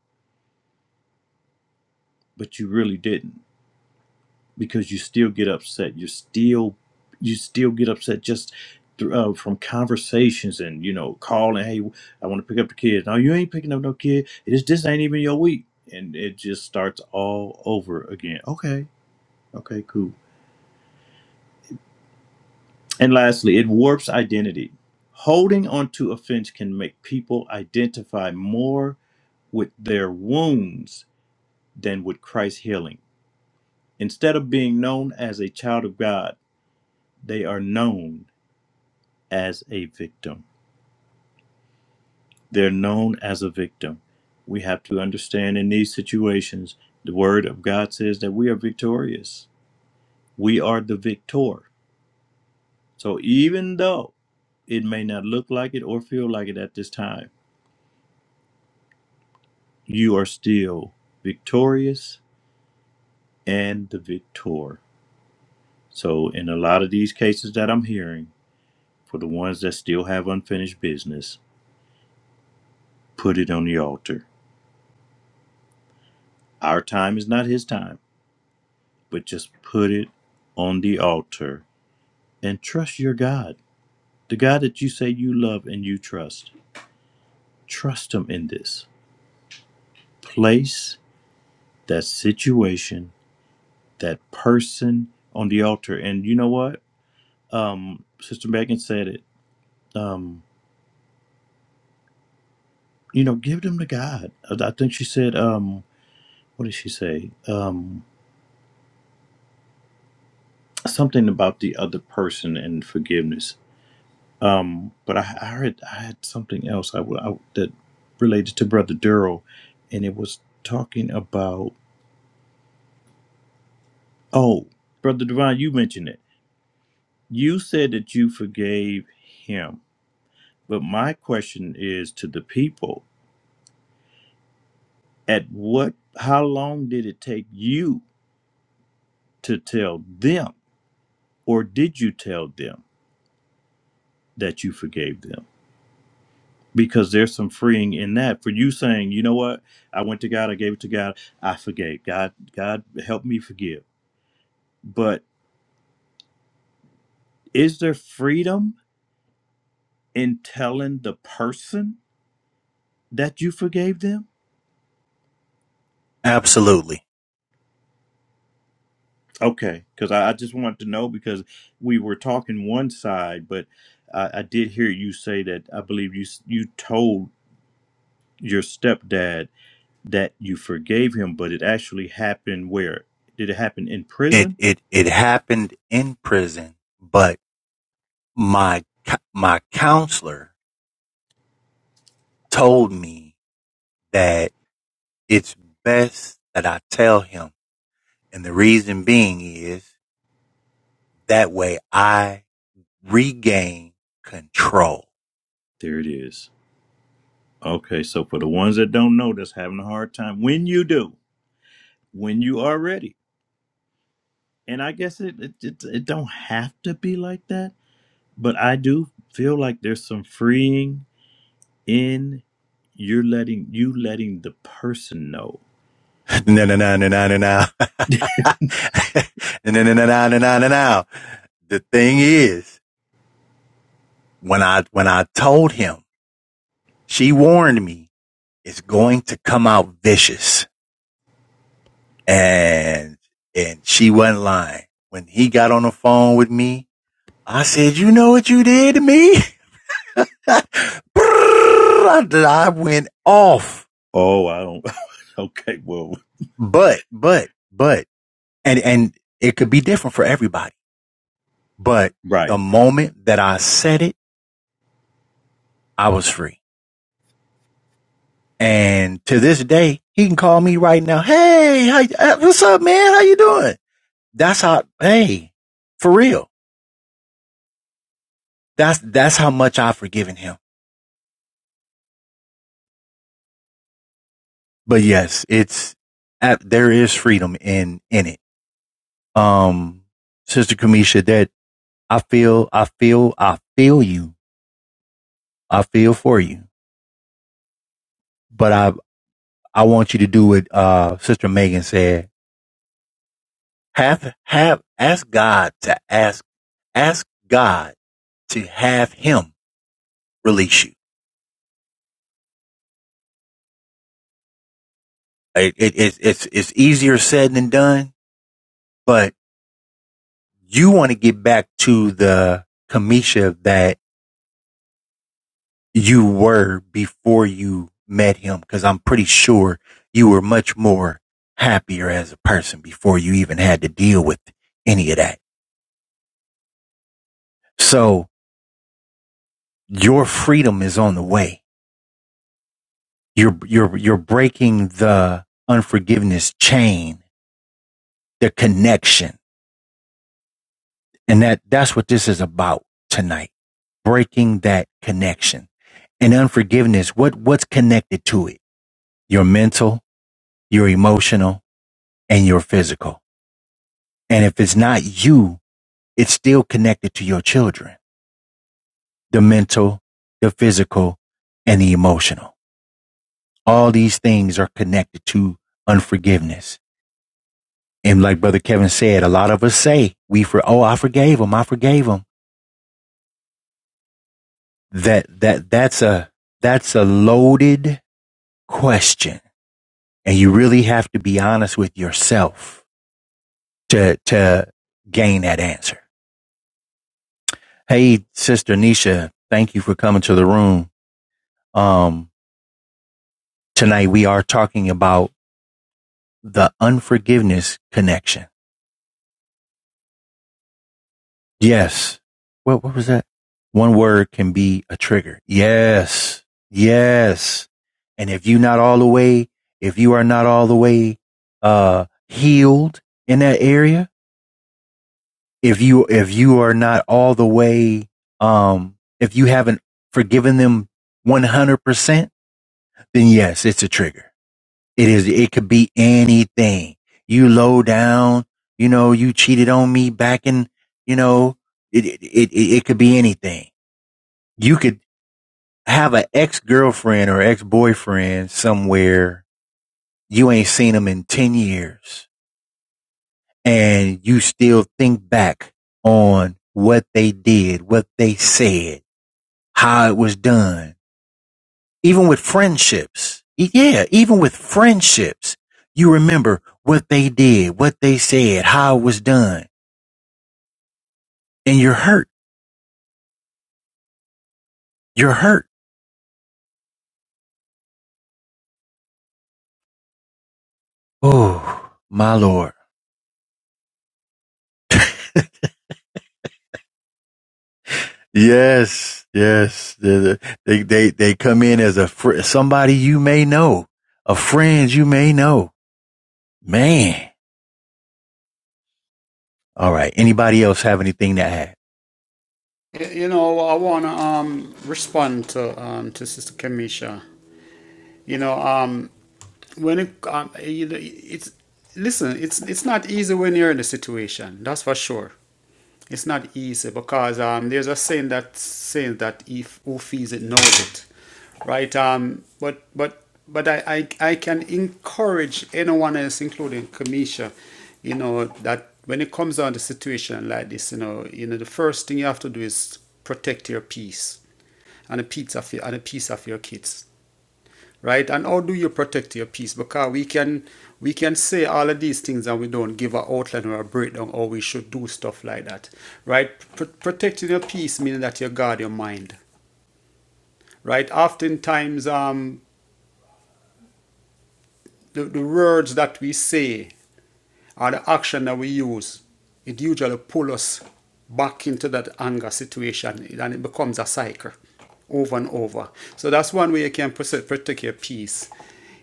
Speaker 5: but you really didn't because you still get upset. You still you still get upset just through, uh, from conversations and you know calling, "Hey, I want to pick up the kids." No, you ain't picking up no kid. This this ain't even your week, and it just starts all over again. Okay, okay, cool. And lastly, it warps identity. Holding on to offense can make people identify more with their wounds than with Christ's healing. Instead of being known as a child of God, they are known as a victim. They're known as a victim. We have to understand in these situations, the word of God says that we are victorious. We are the victor. So even though it may not look like it or feel like it at this time, you are still victorious and the victor. So in a lot of these cases that I'm hearing, For the ones that still have unfinished business, put it on the altar. Our time is not His time, but just put it on the altar and trust your God, the God that you say you love and you trust. Trust Him in this. Place that situation, that person on the altar. And you know what? Um, Sister Megan said it. Um, you know, give them to God. I I think she said, um, what did she say? Um, something about the other person and forgiveness Um, but I, I heard I had something else I, w- I- w- that related to Brother Duro, and it was talking about oh, Brother Divine, you mentioned it. You said that you forgave him, but my question is to the people: At what? How long did it take you to tell them, or did you tell them that you forgave them? Because there's some freeing in that for you saying, you know what, I went to God, I gave it to God, I forgave God. God help me forgive But is there freedom in telling the person that you forgave them?
Speaker 2: Absolutely.
Speaker 5: Okay, because I, I just wanted to know because we were talking one side, but I, I did hear you say that I believe you s- you told your stepdad that you forgave him, but it actually happened where? Did it happen in
Speaker 2: It,
Speaker 5: prison?
Speaker 2: it, it happened in prison, but my, my counselor told me that it's best that I tell him And the reason being is that way I regain control.
Speaker 5: There it is. Okay, so for the ones that don't know, that's having a hard time. When you do, when you are ready, and I guess it it, it, it don't have to be like that but I do feel like there's some freeing in you're letting you letting the person know.
Speaker 2: *laughs* No, no, no, no, no, no, no. No, no, no, no, no, no, no, no, no. The thing is, when I, when I told him, she warned me it's going to come out vicious and, and she wasn't lying. When he got on the phone with me, I said, you know what you did to me? *laughs* I went off
Speaker 5: Oh, I don't. *laughs* Okay, well,
Speaker 2: But, but, but, and, and it could be different for everybody. But
Speaker 5: right.
Speaker 2: the moment that I said it, I was free. And to this day, he can call me right now. Hey, how, uh, what's up, man? How you doing? That's how, hey, for real. That's, that's how much I've forgiven him. But yes, it's, uh, there is freedom in, in it. Um, Sister Kamisha, that I feel, I feel, I feel you. I feel for you. But I, I want you to do what uh, Sister Megan said. Have have ask God to ask ask God to have Him release you. It, it, it's it's it's easier said than done, but you want to get back to the Kamisha that you were before you met Him, because I'm pretty sure you were much more happier as a person before you even had to deal with any of that. So your freedom is on the way You're you're you're breaking the unforgiveness chain, the connection. And that that's what this is about tonight. Breaking that connection. And unforgiveness, what what's connected to it? Your mental, your emotional, and your physical. And if it's not you, it's still connected to your children. The mental, the physical, and the emotional. All these things are connected to unforgiveness. And like Brother Kevin said, a lot of us say we for oh I forgave him, I forgave him. That that that's a that's a loaded question. And you really have to be honest with yourself to to gain that answer. Hey, Sister Nisha, thank you for coming to the room. Um, tonight we are talking about the unforgiveness connection. Yes. What what was that? One word can be a trigger. Yes. Yes. And if you not all the way, if you are not all the way uh healed in that area, if you if you are not all the way um if you haven't forgiven them 100%, then yes, it's a trigger. It is it could be anything. You low down, you know, you cheated on me back in, you know, it it it, it could be anything you could have an ex girlfriend or ex boyfriend somewhere you ain't seen them in 10 years and you still think back on what they did, what they said, how it was done. Even with friendships. E- Yeah, even with friendships, you remember what they did, what they said, how it was done, and you're hurt. You're hurt. Oh, my Lord. Yes, yes. They they they, they come in as a fr- somebody you may know, a friend you may know. Man. All right. Anybody else have anything to add?
Speaker 1: You know, I want to um, respond to, um, to Sister Kamisha. You know, um, when it, um, you know, it's listen, it's it's not easy when you're in the situation. That's for sure. It's not easy because um, there's a saying that saying that if who feels it knows it, right? Um, but but but I I, I can encourage anyone else, including Kamisha, you know that when it comes down to situation like this, you know, you know the first thing you have to do is protect your peace and a peace of your, and a piece of your kids right? And how do you protect your peace? Because we can we can say all of these things and we don't give an outline or a breakdown or we should do stuff like that, right? Pro- protecting your peace meaning that you guard your mind, right? Oftentimes, um, the, the words that we say or the action that we use, it usually pull us back into that anger situation and it becomes a cycle over and over. So that's one way you can pres- protect your peace.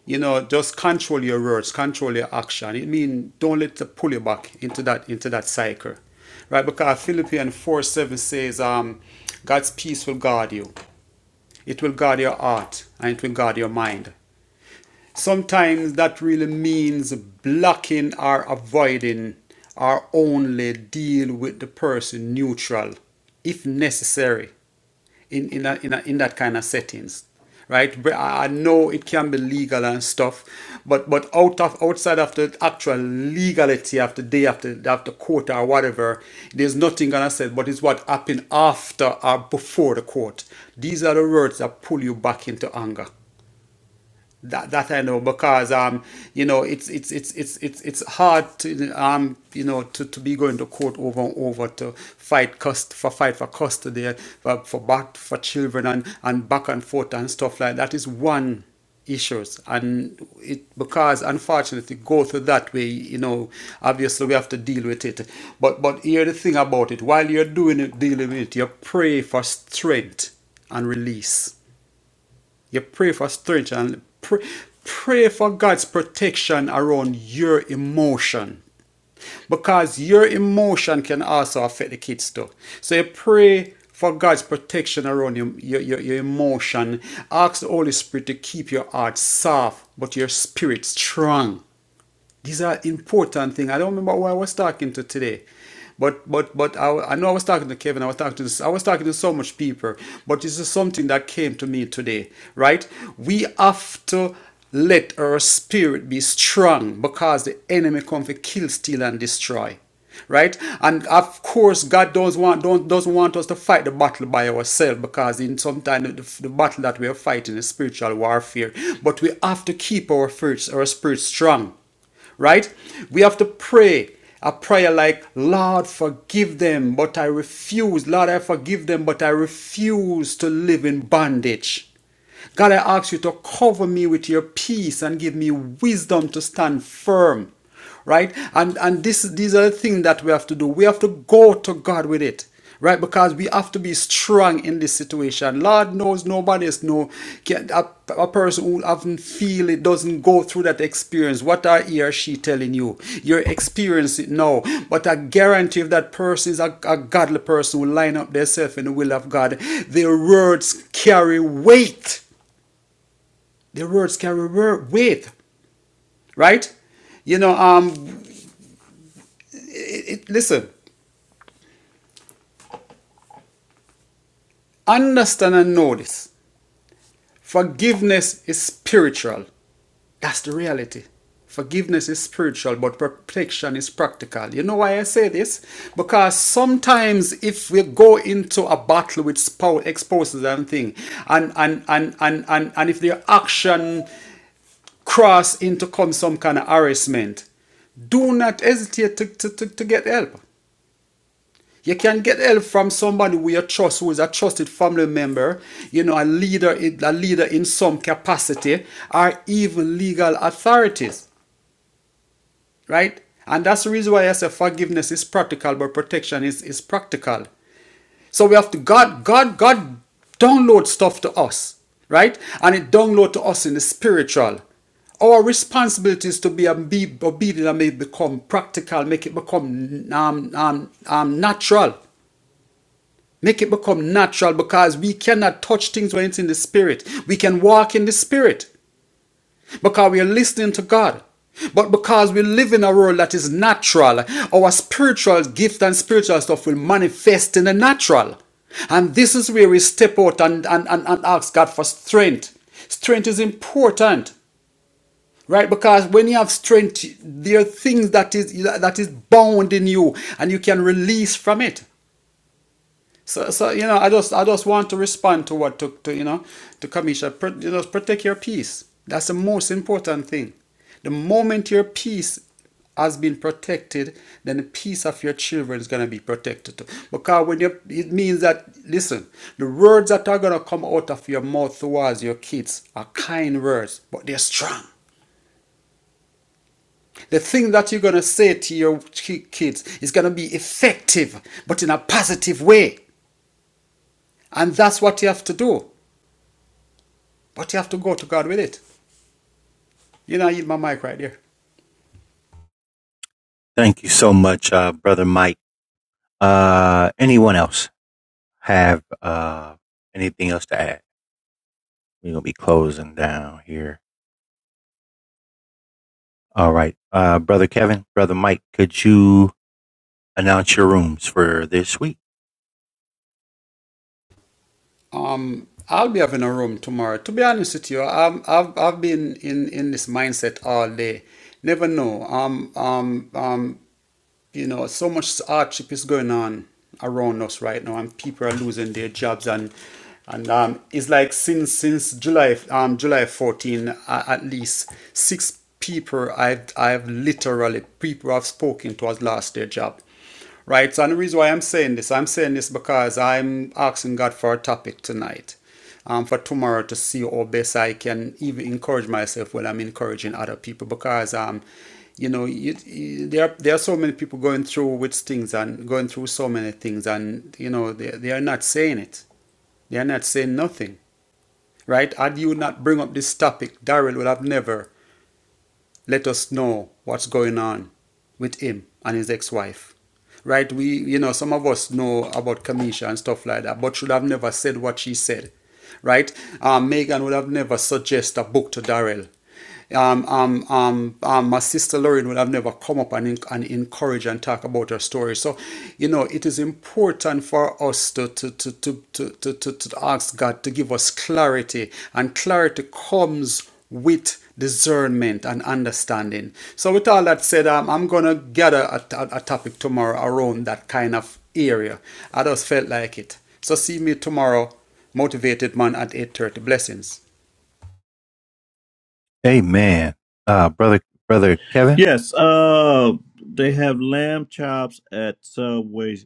Speaker 1: You know, just control your words, control your action. It means don't let it pull you back into that into that cycle. Right? Because Philippians 4 7 says, um, God's peace will guard you. It will guard your heart and it will guard your mind. Sometimes that really means blocking or avoiding or only deal with the person neutral if necessary in, in, a, in, a, in that kind of settings right But i know it can be legal and stuff but but out of outside of the actual legality of the day after of the court or whatever there's nothing gonna say but it's what happened after or before the court these are the words that pull you back into anger that, that I know because um you know it's it's it's it's it's it's hard to um you know to, to be going to court over and over to fight cust for fight for custody for for back for children and and back and forth and stuff like that is one issues and it because unfortunately go through that way you know obviously we have to deal with it but but here the thing about it while you're doing it dealing with it you pray for strength and release you pray for strength and pray, pray for God's protection around your emotion. Because your emotion can also affect the kids too. So you pray for God's protection around your, your, your, emotion. Ask the Holy Spirit to keep your heart soft, but your spirit strong. These are important things. I don't remember who I was talking to today. But but but I, I know I was talking to Kevin. I was talking to I was talking to so much people. But this is something that came to me today, right? We have to let our spirit be strong because the enemy comes to kill, steal, and destroy right and of course god does not want don't doesn't want us to fight the battle by ourselves because in sometimes the, the battle that we are fighting is spiritual warfare but we have to keep our spirits our spirit strong right? We have to pray a prayer like, Lord, forgive them, but I refuse. Lord, I forgive them, but I refuse to live in bondage. God, I ask you to cover me with your peace and give me wisdom to stand firm right? And and this these are the things that we have to do. We have to go to God with it, right? Because we have to be strong in this situation. Lord knows nobody is no can- a, a person who haven't feel it doesn't go through that experience. What are he or she telling you? You're experiencing it now, but I guarantee if that person is a, a godly person who line up themselves in the will of God, their words carry weight. Their words carry weight, right? You know, um, it, it, listen. Understand and know this. Forgiveness is spiritual. That's the reality. Forgiveness is spiritual, but protection is practical. You know why I say this? Because sometimes if we go into a battle with spouse exposes and thing, and and and and and, and if their action cross into come some kind of harassment, do not hesitate to, to, to, to get help. You can get help from somebody who you trust, who is a trusted family member, you know, a leader, a leader in some capacity, or even legal authorities, right? And that's the reason why I say forgiveness is practical, but protection is, is practical. So we have to God, God, God download stuff to us, right? And it download to us in the spiritual. Our responsibility is to be um, be obedient and make it become practical, make it become um, um, um, natural. Make it become natural because we cannot touch things when it's in the spirit. We can walk in the spirit because we are listening to God. But because we live in a world that is natural, our spiritual gift and spiritual stuff will manifest in the natural. And this is where we step out and, and, and, and ask God for strength. Strength is important, right? Because when you have strength, there are things that is that is bound in you and you can release from it. So, so you know, I just, I just want to respond to what to, to you know, to Kamisha. Pro, you know, protect your peace. That's the most important thing. The moment your peace has been protected, then the peace of your children is gonna be protected too. Because when you, it means that listen, the words that are gonna come out of your mouth towards your kids are kind words, but they're strong. The thing that you're gonna say to your kids is gonna be effective, but in a positive way, and that's what you have to do. But you have to go to God with it. You know, I eat my mic right there.
Speaker 2: Thank you so much, uh, brother Mike. Uh, anyone else have uh anything else to add? We're gonna be closing down here. All right, uh, brother Kevin, brother Mike, could you announce your rooms for this week?
Speaker 1: Um, I'll be having a room tomorrow. To be honest with you, I'm, I've I've been in in this mindset all day. Never know. Um, um, um, you know, so much hardship is going on around us right now, and people are losing their jobs and. And um, it's like since since July um July 14 uh, at least six people I've I've literally people I've spoken to has lost their job Right? So, and the reason why I'm saying this, I'm saying this because I'm asking God for a topic tonight, um, for tomorrow to see how best I can even encourage myself while I'm encouraging other people. Because, um, you know, you, you- there there are so many people going through with things and going through so many things, and you know, they they are not saying it. They are not saying nothing. Right? Had you not bring up this topic, Daryl would have never let us know what's going on with him and his ex-wife. Right? We, you know, some of us know about Kamisha and stuff like that, but should have never said what she said. Right? Um, Megan would have never suggest a book to Darrell. Um, um, um, um, my sister Lauren would have never come up and, and encourage and talk about her story. So, you know, it is important for us to, to, to, to, to, to, to ask God to give us clarity. And clarity comes with discernment and understanding. So, with all that said, um, I'm gonna gather a, a, a topic tomorrow around that kind of area. I just felt like it. So, see me tomorrow, motivated man at 8:30. Blessings.
Speaker 2: Amen. Uh, brother, brother Kevin.
Speaker 5: Yes. Uh, they have lamb chops at Subway.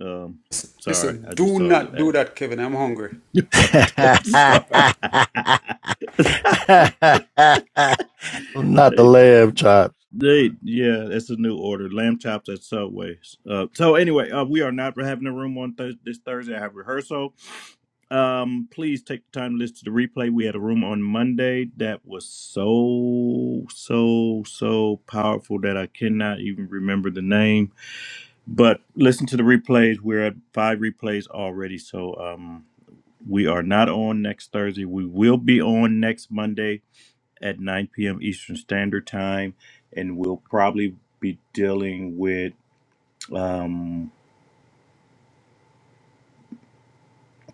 Speaker 5: Um, sorry,
Speaker 1: Listen,
Speaker 5: I just
Speaker 1: do
Speaker 5: saw
Speaker 1: not do
Speaker 5: the
Speaker 1: that, Kevin. I'm hungry.
Speaker 2: *laughs* *laughs*
Speaker 5: ad. *laughs*
Speaker 2: uh,
Speaker 5: I'm
Speaker 2: *laughs* Not
Speaker 5: sorry.
Speaker 2: the
Speaker 5: *laughs*
Speaker 2: lamb chops.
Speaker 5: They, yeah, it's a new order. Lamb chops at Subways. Uh, so anyway, uh, we are not having a room on th- this Thursday. I have rehearsal. Um, please take the time to listen to the replay. We had a room on Monday that was so so so powerful that I cannot even remember the name. But listen to the replays. We're at five replays already. So um, we are not on next Thursday. We will be on next Monday at 9 p.m. Eastern Standard Time, and we'll probably be dealing with um,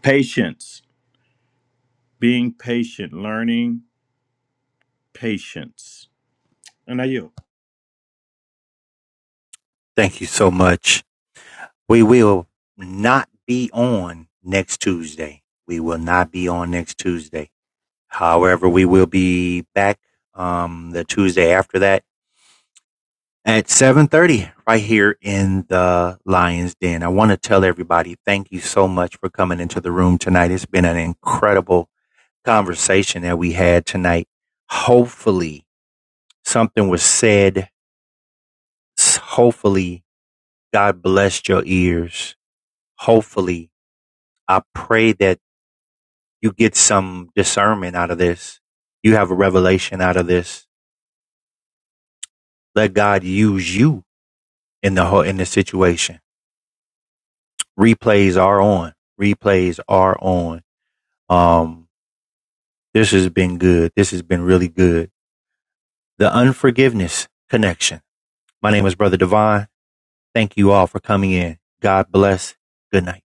Speaker 5: patience, being patient, learning patience. And I you?
Speaker 2: Thank you so much. We will not be on next Tuesday. We will not be on next Tuesday. However, we will be back um, the Tuesday after that at 7:30 right here in the Lions Den. I want to tell everybody thank you so much for coming into the room tonight. It's been an incredible conversation that we had tonight. Hopefully, something was said. Hopefully, God blessed your ears. Hopefully, I pray that you get some discernment out of this. You have a revelation out of this. Let God use you in the whole, in the situation. Replays are on. Replays are on. Um, this has been good. This has been really good. The unforgiveness connection. My name is Brother Divine. Thank you all for coming in. God bless. Good night.